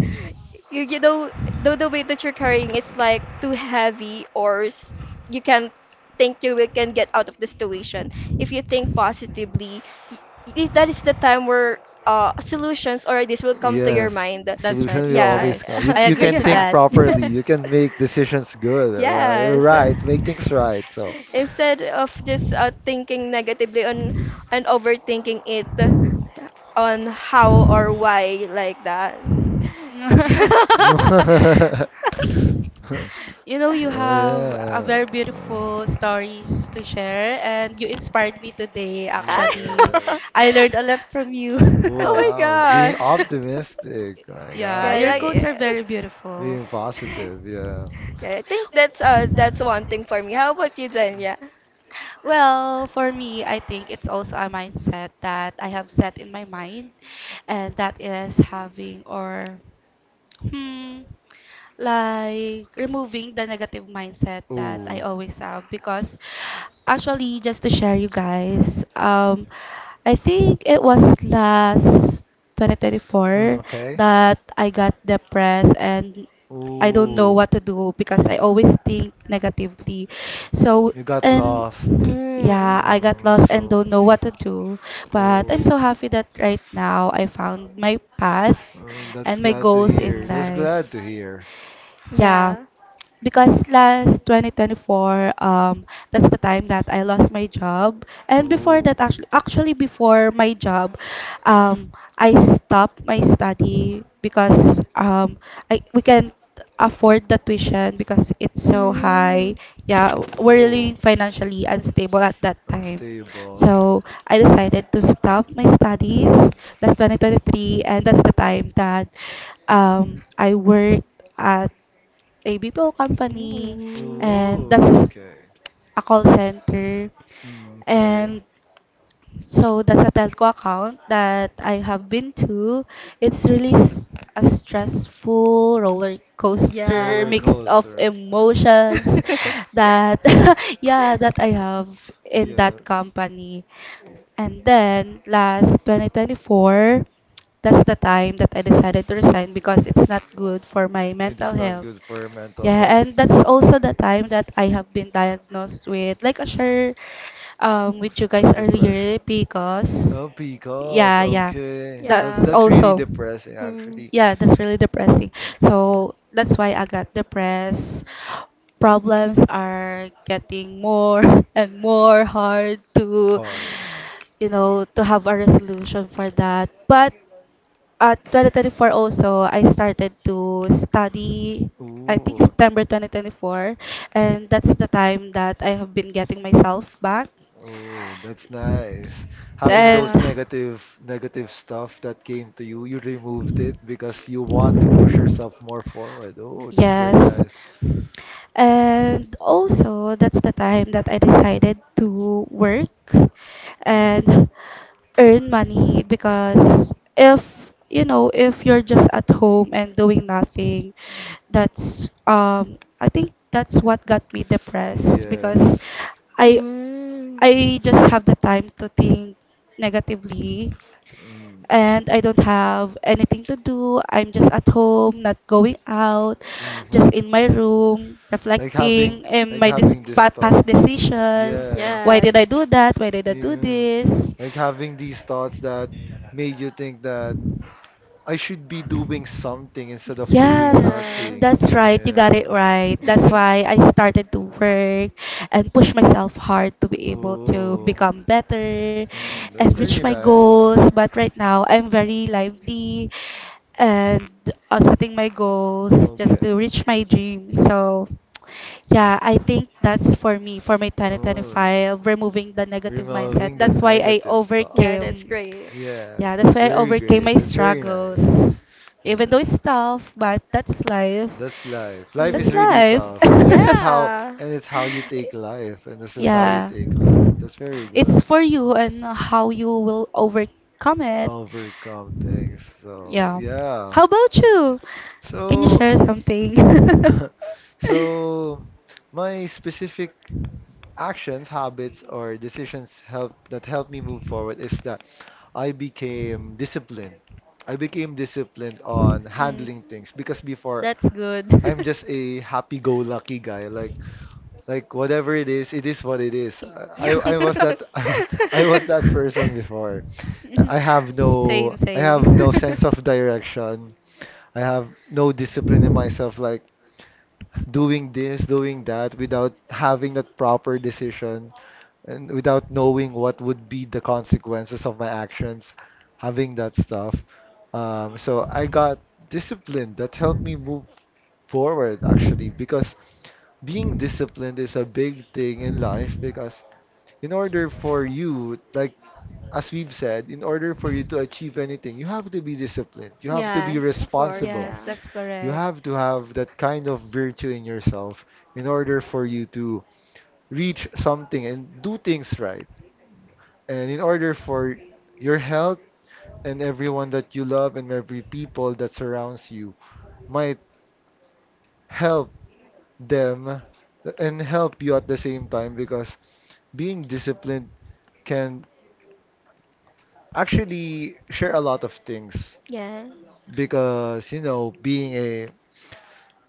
S2: you know though the weight that you're carrying is like too heavy or, you can think you will can get out of the situation if you think positively, y- that is the time where, solutions or ideas will come to your
S1: Yes,
S2: mind.
S3: That's right,
S1: solution will
S3: that's
S2: Yeah.
S1: always
S3: right.
S1: come.
S3: I
S1: You
S3: agree
S1: can
S3: to
S2: Yeah.
S1: think
S3: that.
S1: properly. You can make decisions good. You're
S2: Yes.
S1: right, make things right. So.
S2: Instead of just, thinking negatively on, and overthinking it on how or why, like that.
S1: So
S3: You know, you have a very
S1: yeah.
S3: beautiful stories to share, and you inspired me today, actually.
S1: Yes.
S3: I learned a lot from you.
S2: Oh my
S1: Wow, being
S2: gosh.
S1: optimistic. My
S3: Yeah,
S2: Yeah,
S3: your
S2: that,
S1: God,
S3: quotes are very beautiful.
S1: being
S2: yeah.
S1: positive. Yeah.
S2: Yeah, I think that's one thing for me. How about you, Jen? Yeah.
S3: Well, for me, I think it's also a mindset that I have set in my mind, and that is having or, hmm, like removing the negative mindset that I
S1: Ooh.
S3: always have because actually just to share you guys, I think it was last
S1: Mm,
S3: 2024
S1: okay.
S3: that I got depressed and I don't know
S1: Ooh,
S3: what to do because I always think negatively. So,
S1: you got
S3: and
S1: lost.
S2: Mm,
S3: yeah, I got
S1: Mm,
S3: lost and
S1: so,
S3: don't know what to do. But I'm
S1: ooh,
S3: so happy that right now I found my path
S1: mm, that's
S3: and my
S1: glad to
S3: goals in
S1: hear. That's glad
S3: life.
S1: to hear.
S3: Yeah,
S2: yeah.
S3: because last 2024, that's the time that I lost my job. And before
S1: Ooh.
S3: that, actually before my job, um, I stopped my study because I we can't afford the tuition because it's so high.
S2: 음,
S3: Yeah, we're
S1: Ooh,
S3: really financially unstable at that time.
S1: unstable. Okay.
S3: So I decided to stop my studies last 2023, and that's the time that I worked at ABPO company,
S2: 음,
S3: and
S1: Ooh,
S3: that's
S1: okay.
S3: a call center.
S1: Mm, okay.
S3: And so that's a telco account that I have been to. It's really s- a stressful roller coaster
S1: Roller
S2: yeah,
S3: mix of
S1: coaster.
S3: emotions that yeah that I have in
S1: Yeah,
S3: that company. And then last 2024, that's the time that I decided to resign because it's not good for my
S1: it
S3: mental
S1: is not
S3: health.
S1: good for your mental
S3: Yeah,
S1: health
S3: and that's also the time that I have been diagnosed with, like I share with you guys
S1: and depression.
S3: earlier, because
S1: Oh, because
S3: yeah, yeah,
S1: okay, that's
S3: that's
S2: yeah,
S1: that's really
S3: also,
S1: depressing
S2: mm,
S1: actually.
S3: yeah, that's really depressing. So that's why I got depressed. Problems are getting more and more hard to,
S1: Heart.
S3: you know, to have a resolution for that. But at 2024 also, I started to study, I think
S1: Ooh,
S3: September 2024, and that's the time that I have been getting myself back.
S1: oh, that's nice. Having
S3: And
S1: those
S2: yeah,
S1: negative negative stuff that came to you, you removed it because you want to push yourself more forward. Oh, that's very
S3: yes.
S1: nice.
S3: And also, that's the time that I decided to work
S1: Mm-hmm.
S3: and earn money because if you know if you're just at home and doing nothing that's I think that's what got me depressed because
S1: Yes.
S3: i
S2: mm,
S3: I just have the time to think negatively
S1: Mm,
S3: and I don't have anything to do. I'm just at home, not going out,
S1: mm-hmm.
S3: just in my room,
S1: Like having
S3: reflecting and my dis-
S1: these
S3: fa- past
S1: thoughts.
S3: decisions.
S1: Yes.
S3: Why did I
S2: yes,
S3: do that? Why did I do
S1: Yeah.
S3: this?
S1: Like having these thoughts that made you think that I should be doing something instead of doing
S3: Yes,
S2: yeah,
S1: nothing.
S3: that's right. You got
S1: Yeah.
S3: it right. That's
S1: Uh,
S3: why I started to work and push myself hard to be able to
S1: oh,
S3: become better
S1: mm, that's
S3: and reach
S1: very
S3: my
S1: nice.
S3: goals. But right now, I'm very lively and setting my goals just to
S1: Okay.
S3: reach my dream. So, yeah, I think that's for me, for my
S1: Oh,
S3: 2025, removing the negative mindset.
S1: removing the
S3: That's why I
S1: negative thought.
S2: yeah, that's
S3: overcame.
S2: great.
S1: Yes,
S3: Yeah, that's
S1: that's
S3: why I
S1: very
S3: overcame my
S1: great. That's very nice.
S3: struggles. Even though it's
S1: Yes.
S3: tough, but that's life.
S1: That's life. Life is
S3: That's
S2: Mm,
S1: really
S3: life.
S1: tough, and it's how
S2: yeah.
S1: you take life, and this is how you
S3: Yeah.
S1: take life. That's very
S3: It's
S1: good.
S3: for you and how you will overcome it.
S1: Overcome things. So,
S3: Yeah.
S1: yeah.
S3: How about you? Can you
S1: So,
S3: share something?
S1: So my specific actions, habits, or decisions help me move forward is that I became disciplined. I became disciplined on
S3: Mm,
S1: handling things because before
S3: that's good.
S1: I'm just a happy-go-lucky guy. Like whatever it is what it is.
S3: Y- yeah.
S1: I was that I was that person before.
S3: Same,
S1: I
S3: same.
S1: have no sense of direction. I have no discipline in myself. Like doing this, doing that without having that proper decision and without knowing what would be the consequences of my actions, having that stuff. So I got disciplined. That helped me move forward actually because being disciplined is a big thing in life because in order for you, like as we've said, in order for you to achieve anything, you have to be disciplined. You have to be
S2: Yes, of course,
S1: responsible.
S3: Yes,
S2: yeah.
S3: that's
S1: You
S3: correct.
S1: have to have that kind of virtue in yourself in order for you to reach something and do things right. And in order for your health and everyone that you love and every people that surrounds you might help them and help you at the same time because being disciplined can actually share a lot of things
S2: Yes.
S1: because being a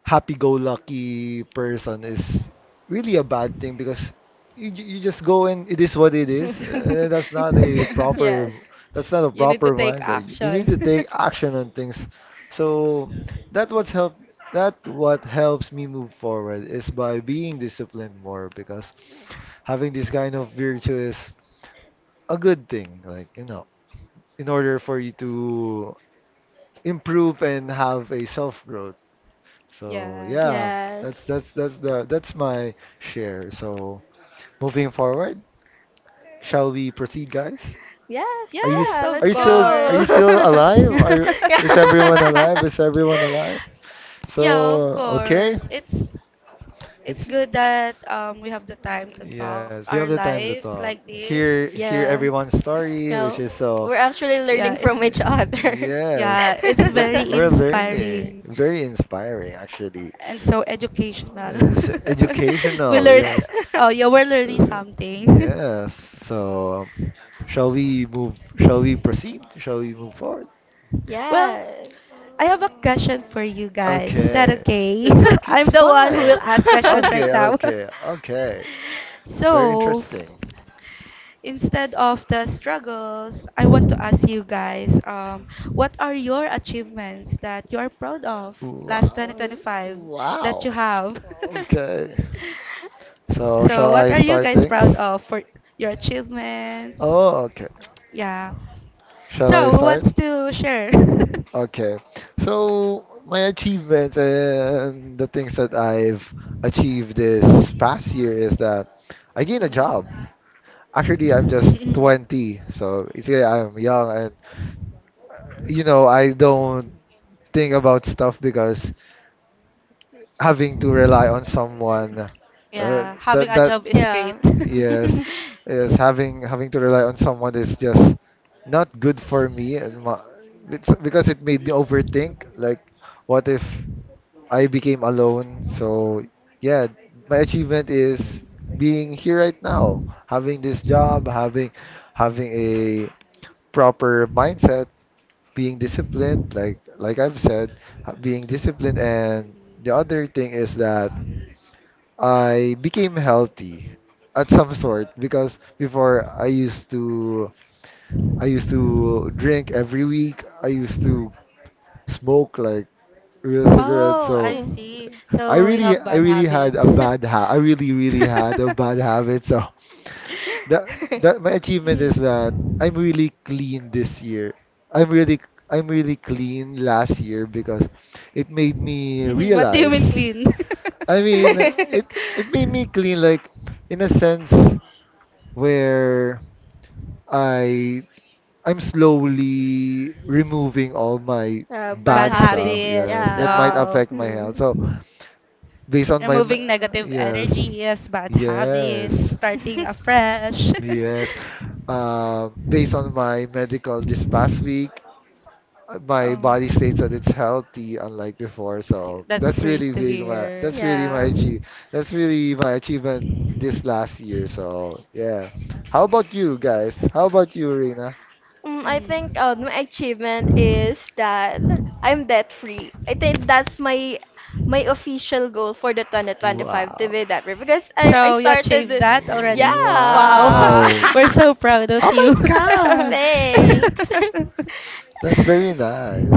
S1: happy-go-lucky person is really a bad thing because you just go and it is what it is, and that's not a proper
S2: Yes.
S1: that's not a
S3: You need to
S1: proper
S3: take
S1: mindset. You need to
S3: action.
S1: take action on things. So that what's help that what helps me move forward is by being disciplined more because having this kind of virtue is a good thing, in order for you to improve and have a self growth. So
S3: Yes.
S1: yeah,
S2: Yes.
S1: that's my share. So moving forward, shall we proceed, guys?
S2: Yes,
S3: Yes,
S2: yeah,
S3: of
S2: let's
S1: Are you
S3: course.
S1: still
S2: go.
S1: alive? Are
S2: Yeah.
S1: Is everyone alive? Is everyone alive? So
S3: Yeah, of
S1: okay,
S3: course. It's
S1: it's
S3: good that we have the time to talk
S1: yes, we have
S3: our
S1: the time to
S3: lives
S1: talk.
S3: like this.
S1: Hear
S2: Yeah.
S1: everyone's story, which
S2: Yeah,
S1: is so
S2: we're actually
S3: Yeah,
S2: learning
S3: it's,
S2: from each other.
S1: yes,
S3: yeah, it's
S1: we're
S3: very
S1: we're learning.
S3: inspiring
S1: Very inspiring, actually.
S3: and so educational.
S1: Yes,
S3: We
S1: educational,
S3: learned,
S1: yes.
S3: oh yeah, we're learning
S1: Uh,
S3: something.
S1: yes. So, shall we move? Shall we proceed? Shall we move forward?
S3: Well,
S2: Yeah.
S3: I have a question for you guys. Is that
S1: Okay.
S3: okay?
S1: It's okay. It's
S3: I'm the one who
S1: fine.
S3: will ask questions right
S1: Okay.
S3: now.
S1: Okay. Okay. It's very
S3: So,
S1: interesting.
S3: instead of the struggles, I want to ask you guys, what are your achievements that you are proud of last
S1: Wow.
S3: 2025 that you
S1: Wow.
S3: have?
S1: Okay. So,
S3: So,
S1: shall
S3: what
S1: I
S3: are you
S1: start
S3: guys proud
S1: things?
S3: of for your achievements?
S1: Oh, okay.
S3: Yeah.
S1: Shall I
S3: So, who
S1: start?
S3: wants to share?
S1: Okay. So, my achievements and the things that I've achieved this past year is that I gained a job. Actually, I'm just
S3: Mm.
S1: 20, so it's yeah, I'm young and you know, I don't think about stuff because having to rely on someone uh,
S3: Yeah, having
S1: that
S3: a
S1: that
S3: job is great.
S2: Yeah.
S1: yes, is having to rely on someone is just not good for me and ma it's because it made me overthink like what if I
S3: Mm.
S1: became alone?
S3: Mm.
S1: So yeah, my achievement is being here right now, having this job, having a proper mindset, being disciplined, like I've said, being disciplined, and the other thing is that I became healthy at some sort because before I used to drink every week. I used to smoke like real cigarettes,
S3: Oh,
S1: so
S3: I
S2: Oh,
S3: see. So
S2: uh,
S3: you have bad habits.
S1: I really really had a bad habit, so that that my achievement is that
S3: Mhm.
S1: I'm really clean this year. I'm really I'm really clean last year because it made me
S3: What do you
S1: realize.
S3: mean clean?
S1: I mean, it it made me clean like in a sense where I I'm slowly removing all my
S2: bad
S3: Bad
S1: bad stuff.
S2: habits.
S1: Yeah,
S3: habits,
S1: that might
S2: Yeah.
S1: affect my health.
S2: Mm.
S1: So based on my m-
S3: removing negative
S1: yes.
S3: energy, yes, bad habits,
S1: Yes.
S3: starting afresh.
S1: Yes, Based on my medical this past week, my
S3: um,
S1: body states that it's healthy, unlike before. So
S3: that's
S1: that's
S3: great
S1: really
S3: to
S1: big. My,
S3: hear.
S1: that's really my
S2: Yeah.
S1: achieve. That's really my achievement this last year. So yeah. How about you guys? How about you, Rina?
S2: Mm, I think,
S3: Mm.
S2: my achievement is that I'm debt free. I think that's my official goal for the 2025, to
S1: Wow.
S2: be debt free because, I
S3: So you
S2: started
S3: achieved
S2: it.
S3: that already? Wow,
S2: Yeah.
S1: Wow.
S3: we're so proud of
S1: Oh my
S3: you.
S1: God.
S2: Thanks.
S1: That's very nice.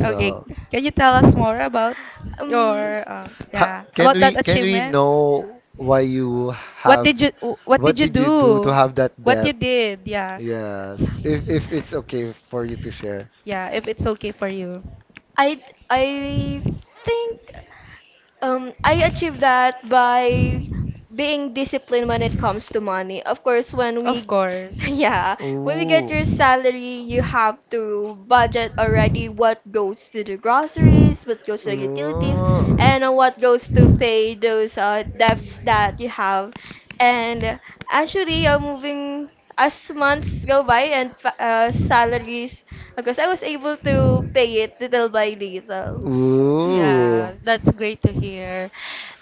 S3: Okay,
S1: So,
S3: can you tell us more about
S2: Um,
S3: your,
S1: ha-
S3: yeah about that
S1: can we
S3: achievement?
S1: know why you
S3: What
S1: have
S3: did you wh- what did
S1: what
S3: you
S1: did you do to
S3: do?
S1: have that
S3: What you
S1: debt?
S3: did? Yeah,
S1: Yes, if it's okay for you to share.
S3: yeah. If it's okay for you,
S2: I I think, I achieve that by being disciplined when it comes to money. Of course, when
S3: of
S2: we,
S3: course.
S2: yeah, when we get
S1: Ooh.
S2: your salary, you have to budget already what goes to the groceries, what goes to the utilities,
S1: Ooh.
S2: and, what goes to pay those, debts that you have. And, actually, moving as months go by and, salaries, because I was able to pay it little by little.
S1: Ooh.
S3: Yeah, that's great to hear.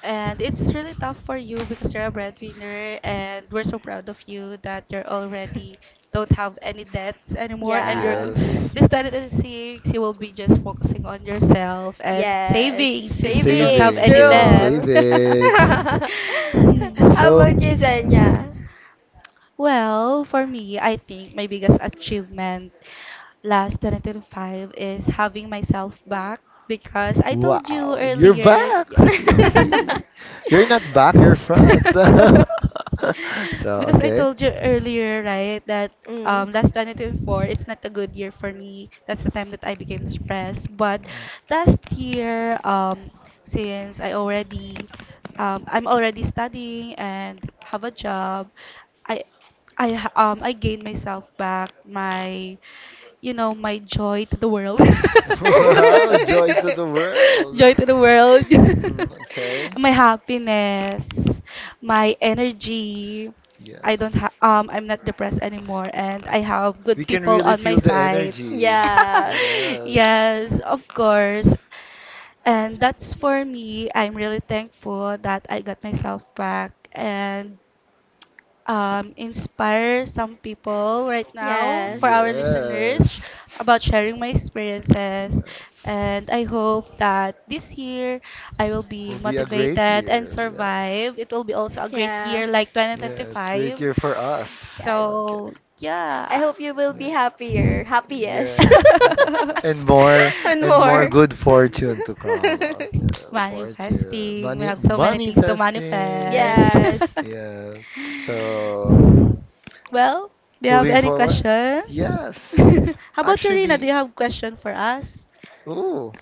S3: And it's really tough for you because you're a breadwinner, and we're so proud of you that you're already don't have any debts anymore. And you're go-
S2: Yeah.
S1: Yes.
S3: this 2026, you will be just focusing on yourself and
S2: Yes,
S3: saving since you don't have
S2: savings,
S1: Savings,
S3: any
S1: yeah,
S3: debt.
S2: true.
S1: savings.
S2: How
S1: So,
S2: about you, Zenya?
S3: Well, for me, I think my biggest achievement last 2025 is having myself back because I told you
S1: wow, you're
S3: earlier.
S1: back.
S3: Yeah.
S1: You see, you're not back, you're front. So,
S3: Because I
S1: okay.
S3: told you earlier, right, that
S2: Mm.
S3: last 2024, it's not a good year for me. That's the time that I became depressed. But last year, since I already, I'm already studying and have a job, I, I gained myself back, my, you know, my joy to the world.
S1: Wow, joy to the world.
S3: Joy to the world.
S1: Mm, okay.
S3: My happiness, my energy. I don't
S1: Yes.
S3: have I'm not depressed anymore and I have
S1: We
S3: good
S1: can
S3: people
S1: really
S3: on my
S1: feel the
S3: side.
S1: energy.
S2: Yeah.
S1: Yes.
S3: Yes, of course. And that's for me. I'm really thankful that I got myself back and, inspire some people right now for
S2: Yes.
S3: our
S1: Yes.
S3: listeners sh- about sharing my experiences.
S1: Yes.
S3: And I hope that this year I will be
S1: Will be a great
S3: motivated and
S1: year. Yes.
S3: survive. It will be also a great year
S2: Yeah.
S3: like
S1: Yes. Great
S3: 2025.
S1: year for us.
S2: Yes.
S1: Okay.
S3: So,
S2: I
S3: yeah.
S2: hope you will
S1: Yeah.
S2: be happier, happiest.
S1: Yes. m- and more
S2: And
S1: and more
S2: more.
S3: Mm.
S1: good fortune to come. Okay. Fortune.
S3: Manifesting. We
S1: Money
S3: have so many things to
S1: manifesting.
S3: manifest.
S2: Yes.
S1: Yes. So
S3: Well, do you have
S1: moving
S3: any
S1: forward?
S3: questions?
S1: Yes.
S3: How about you, Rina? Do you
S1: Actually,
S3: have a question for us?
S1: ooh.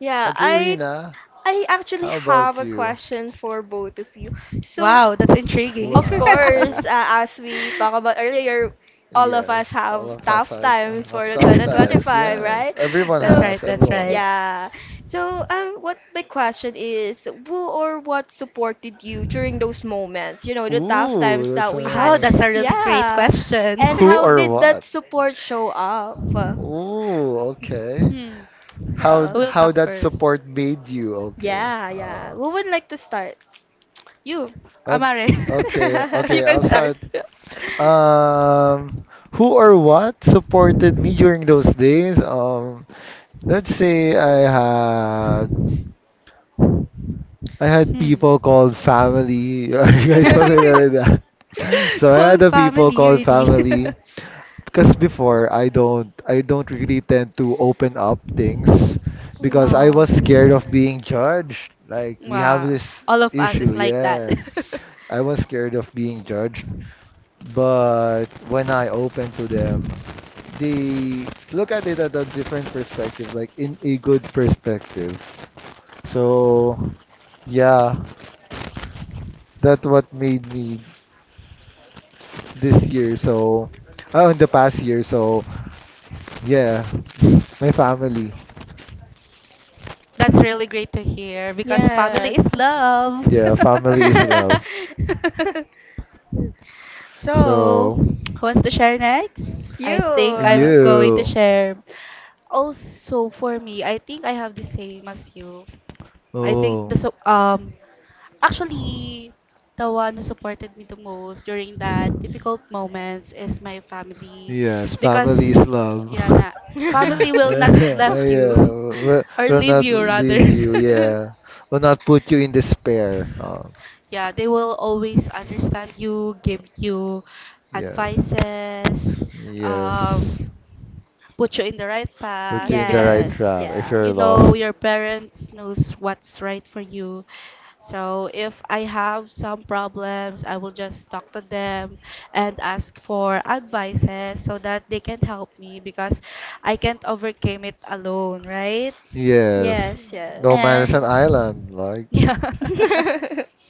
S2: Yeah,
S1: Okay, Rina,
S2: I actually
S1: how
S2: have
S1: about
S2: a
S1: you?
S2: question for both of you. So,
S3: Wow, that's intriguing.
S2: of
S1: Wow.
S2: course, as we talked about earlier, all of us
S1: Yes, all
S2: have
S1: of us
S2: tough times
S1: have
S2: for the
S1: tough times.
S2: 2025,
S1: Yes,
S2: right?
S1: everyone
S3: That's
S2: So,
S3: right,
S1: has.
S3: that's
S1: Everyone
S3: right.
S1: has.
S2: yeah. So, what my question is, who or what supported you during those moments? You know, the tough
S1: Ooh,
S2: times
S1: that's
S2: that we had.
S3: Oh, that's
S1: a
S3: a really great
S2: Yeah.
S3: question.
S2: And
S1: who
S2: how
S1: or
S2: did that
S1: what?
S2: support show up?
S1: Ooh, okay.
S3: Hmm.
S2: Uh,
S3: Who will
S1: How
S3: talk
S1: that
S3: first?
S1: support made you? Okay.
S2: yeah.
S1: Uh,
S2: Who would like to start?
S3: You, Amare.
S1: okay, okay,
S3: You
S1: okay.
S3: can
S1: I'll start.
S3: start.
S1: Um, who or what supported me during those days? Let's say I had
S3: Hmm.
S1: people called family. Are you guys familiar with that? So I had
S3: Cold
S1: the people
S3: family,
S1: called
S3: really.
S1: family because before I don't really tend to open up things because I
S2: Mhm.
S1: was
S3: Oh,
S1: scared of being judged. Like we have
S3: wow.
S1: this
S3: All of us
S1: issue,
S3: is like that.
S1: yes. I was scared of being judged. But when I open to them, they look at it at a different perspective, like in a good perspective. So yeah, that what made me this year. So, oh, in the past year. So, yeah, my family.
S3: That's really great to hear because family is
S2: Yes.
S3: love.
S1: Yeah, family is love.
S3: So,
S1: So,
S3: who wants to share next? I think
S2: You.
S3: I'm going to
S1: you.
S3: share. Also, for me, I think I have the same as you. I think
S1: Oh,
S3: the so actually the one who supported me the most during that difficult moments is my family
S1: yes, family is
S3: because
S1: love.
S3: yeah na, family will not left you
S1: yeah,
S3: or
S1: will
S3: leave
S1: not
S3: you rather
S1: leave you. Yeah, will not put you in despair. Oh,
S3: yeah they will always understand you give you
S1: yes,
S3: advices, um
S1: yes.
S3: put you in the right
S1: Put you
S3: path
S1: in the right
S3: because
S2: Yes,
S1: track if
S2: yeah.
S1: you're
S3: you know
S1: lost.
S3: your parents knows what's right for you, so if I have some problems I will just talk to them and ask for advices so that they can help me because I can't overcome it alone right
S1: Yes.
S2: Yes,
S1: No
S2: yes.
S1: man is an
S3: and
S1: island. Like,
S3: yeah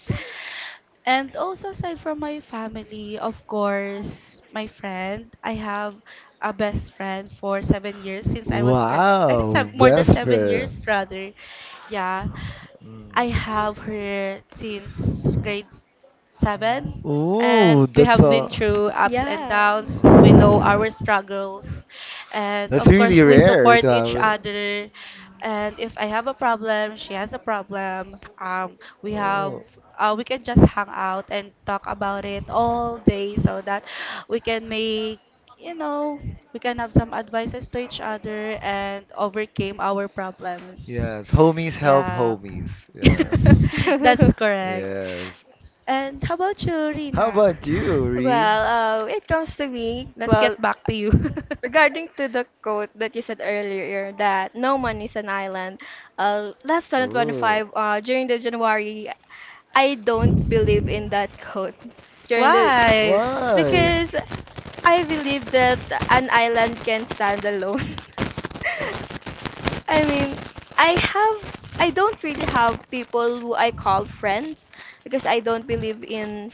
S3: and also aside from my family of course my friend I have a best friend for 7 years since I was grad I think
S1: wow,
S3: sev- more than
S1: best
S3: seven
S1: friend.
S3: years rather yeah I have her since grade seven,
S1: Ooh,
S3: and we
S1: that's
S3: have
S2: Hmm?
S1: a
S3: been through ups and
S2: Yeah.
S3: downs. We know our struggles, and
S1: that's
S3: of
S1: really
S3: course, we
S1: rare to
S3: support each
S1: have.
S3: other. And if I have a problem, she has a problem. We have.
S1: Oh,
S3: We can just hang out and talk about it all day so that we can make, you know, we can have some advices to each other and overcame our problems
S1: yes, homies help
S3: yeah
S1: homies. Yeah,
S3: that's correct.
S1: yes.
S3: And how about you,
S1: How
S3: Rina?
S1: about you, Ree?
S2: Well, it comes to me.
S3: Let's
S2: Well,
S3: get back to you.
S2: regarding to the quote that you said earlier that no man is an island, last
S1: Ooh,
S2: 2025, during the January, I don't believe in that quote. During the
S3: Why?
S1: why?
S2: Because I believe that an island can stand alone. I mean, I have I don't really have people who I call friends because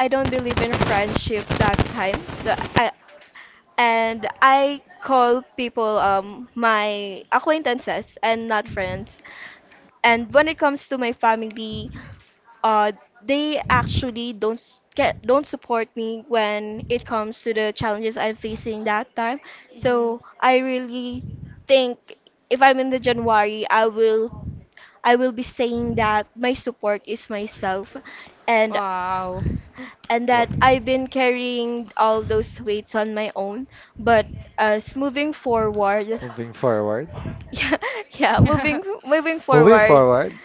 S2: I don't believe in friendship that time. I
S3: Mhm.
S2: and I call people my acquaintances and not friends. And when it comes to my family, uh they actually don't s- get don't support me when it comes to the challenges I'm facing that time. So I really think if I'm in the January, I will be saying that my support is myself and
S3: Wow.
S2: and
S1: Wha-
S2: that I've been carrying all those weights on my own. But as moving forward,
S1: moving forward.
S2: yeah, yeah, moving moving
S1: Moving
S2: forward,
S1: forward.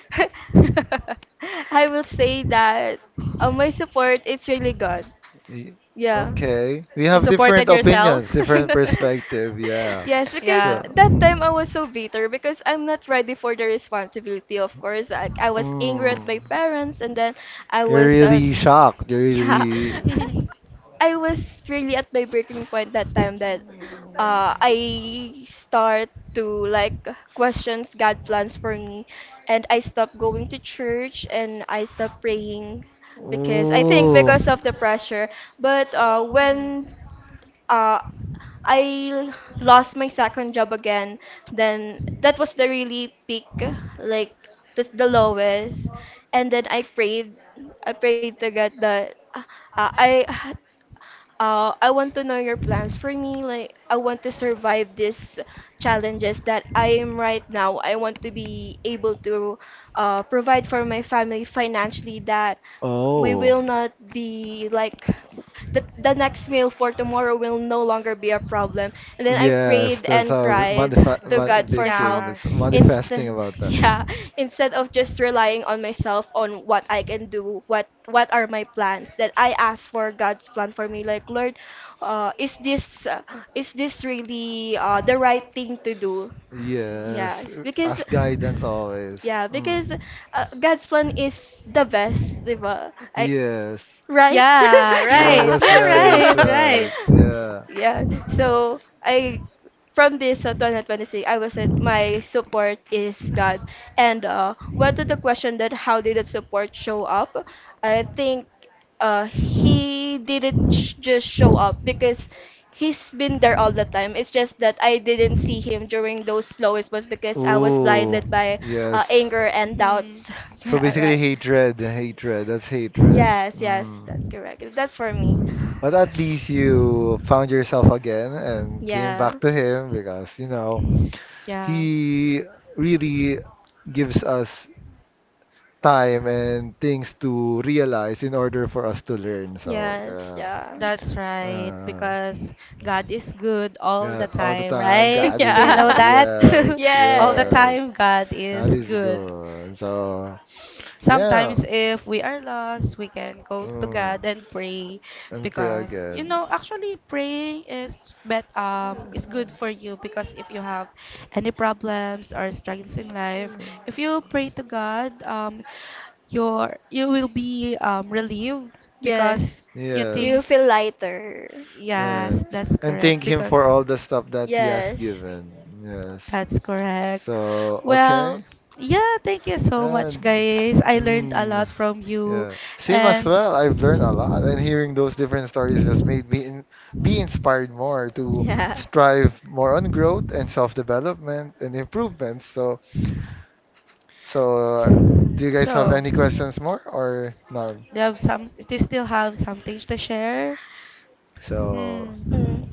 S2: I will say that my support is really good.
S1: Y-
S2: Yeah.
S1: Okay, we
S3: You
S1: have
S3: supported
S1: different opinions,
S3: yourself?
S1: different perspective. Yeah.
S2: Yes, because
S3: Yeah.
S1: So.
S2: that time I was so bitter because I'm not ready for the responsibility, of course. Like I was angry
S1: Mm.
S2: at my parents and then I
S1: You're
S2: was
S1: really shocked. You're
S2: yeah.
S1: really.
S3: Mhm.
S2: I was really at my breaking point that time that I start to like questions God plans for me and I stopped going to church and I stopped praying because I think
S1: Oh.
S2: because of the pressure but when uh, I lost my second job again, then that was the really peak, like the lowest. And then I prayed. I prayed to God that I I want to know your plans for me. Like, I want to survive these challenges that I am right now. I want to be able to provide for my family financially, that we
S1: Oh.
S2: will not
S3: Mhm.
S2: be like the next meal for tomorrow will no longer be a problem. And then I
S1: Yes,
S2: prayed
S1: that's
S2: and
S1: a
S2: cried
S1: manif-
S2: to
S1: ma
S2: God for
S1: big
S2: help
S1: thing.
S3: Yeah.
S1: That's manifesting
S2: instead,
S1: about that.
S2: yeah, instead of just relying on myself on what I can do, what are my plans, that I ask for god's plan for me. Like, lord, uh, is this uh, is this really the right thing to do?
S3: Mhm.
S2: Yeah
S1: Yes,
S2: because
S1: ask guidance always.
S2: yeah
S1: Mm.
S2: because god's plan is the best, diba? I,
S1: Yes.
S2: right.
S3: Yeah,
S1: Yeah,
S3: right.
S2: yeah.
S1: that's
S3: Yeah,
S1: right. That's
S3: right,
S1: right.
S3: right.
S1: Yeah.
S2: Yeah. So I from this 2026, I was at my support is God. And what to the question that how did that support show up? I think he didn't just show up because he's been there all the time. It's just that I didn't see him during those lowest months because I was
S1: Oh.
S2: blinded by
S1: Yes.
S2: anger and
S3: Mhm.
S2: doubts.
S1: So
S2: yeah,
S1: basically,
S2: right.
S1: hatred, hatred, that's hatred.
S2: Yes, yes,
S1: Mm.
S2: that's correct. That's for me.
S1: But at least you found yourself again and came
S2: Yeah.
S1: back to him because, you know,
S3: Yeah,
S1: he really gives us time and things to realize in order for us to learn. So,
S2: Yes,
S1: yeah.
S2: yeah.
S3: that's right.
S1: Uh,
S3: Because God is good all
S1: yeah,
S3: the
S1: all the
S3: time,
S1: time.
S3: right?
S1: God is
S3: Do you know
S2: Yeah.
S3: that?
S1: yes,
S3: All the
S1: yes.
S2: Yes.
S3: time, God
S1: God
S3: is
S1: is
S3: good.
S1: good. So, yeah.
S3: Sometimes, if we are lost, we can go to
S1: Mm.
S3: God and pray
S1: And pray
S3: because you
S1: again.
S3: know, actually, praying is bet is good for you because if you have any problems or struggles in life, if you pray to God, you will be, relieved
S2: Yes.
S3: because you
S2: You
S3: think
S1: Yes.
S2: feel lighter.
S1: Uh,
S3: yes that's
S1: and thank
S3: correct
S1: him
S3: because
S1: for all the stuff that he has
S2: Yes.
S1: given. Yes.
S3: that's correct
S1: So,
S3: well
S1: okay.
S3: yeah thank you so much
S1: And,
S3: guys I learned a
S1: mm,
S3: lot from you
S1: yeah. Same as
S3: and
S1: well. I've learned a lot, and hearing those different stories just made me be inspired more to
S2: Yeah.
S1: strive more on growth and self-development and improvements. So, so uh, do you guys have
S3: so,
S1: any questions more or not?
S3: they have some. They still have some things to share.
S1: So,
S3: Hmm.
S2: Mm,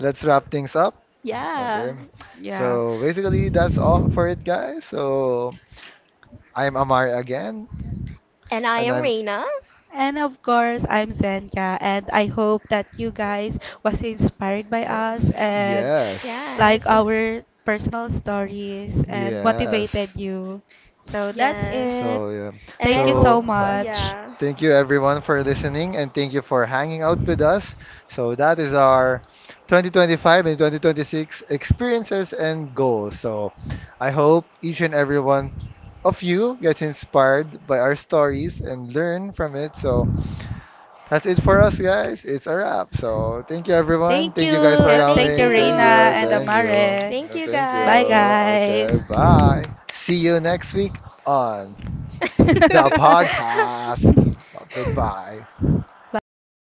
S1: let's wrap things up.
S2: yeah.
S1: Okay.
S3: Yeah.
S1: So basically, that's all for it, guys. So I'm Amari again,
S2: And I
S1: and
S2: am
S1: I'm
S2: Reina.
S3: And of course, I'm Zenka, and I hope that you guys was inspired by
S1: uh,
S3: us and
S1: yes,
S3: like
S2: Yes.
S3: our personal stories and
S1: yes.
S3: motivated you. So that's
S2: Yes.
S3: it.
S1: So yeah.
S2: And I
S3: Thank you
S2: hope,
S3: so
S1: So
S3: much.
S2: yeah.
S1: thank you everyone for listening, and thank you for hanging out with us. So that is our 2025 and 2026 experiences and goals. So I hope each and every one of you gets inspired by our stories and learn from it. So that's it for us, guys. It's a wrap. So thank you, everyone.
S3: Thank
S1: Thank
S3: you.
S1: you guys for
S2: Yeah, thank
S3: Thank you,
S1: coming. Thank you.
S3: Reina and
S2: you.
S1: Thank you.
S3: Amare.
S2: Thank you
S1: Thank you.
S3: Bye,
S2: guys.
S1: Okay.
S3: guys.
S1: Bye. See you next week on the podcast. Goodbye.
S3: Bye.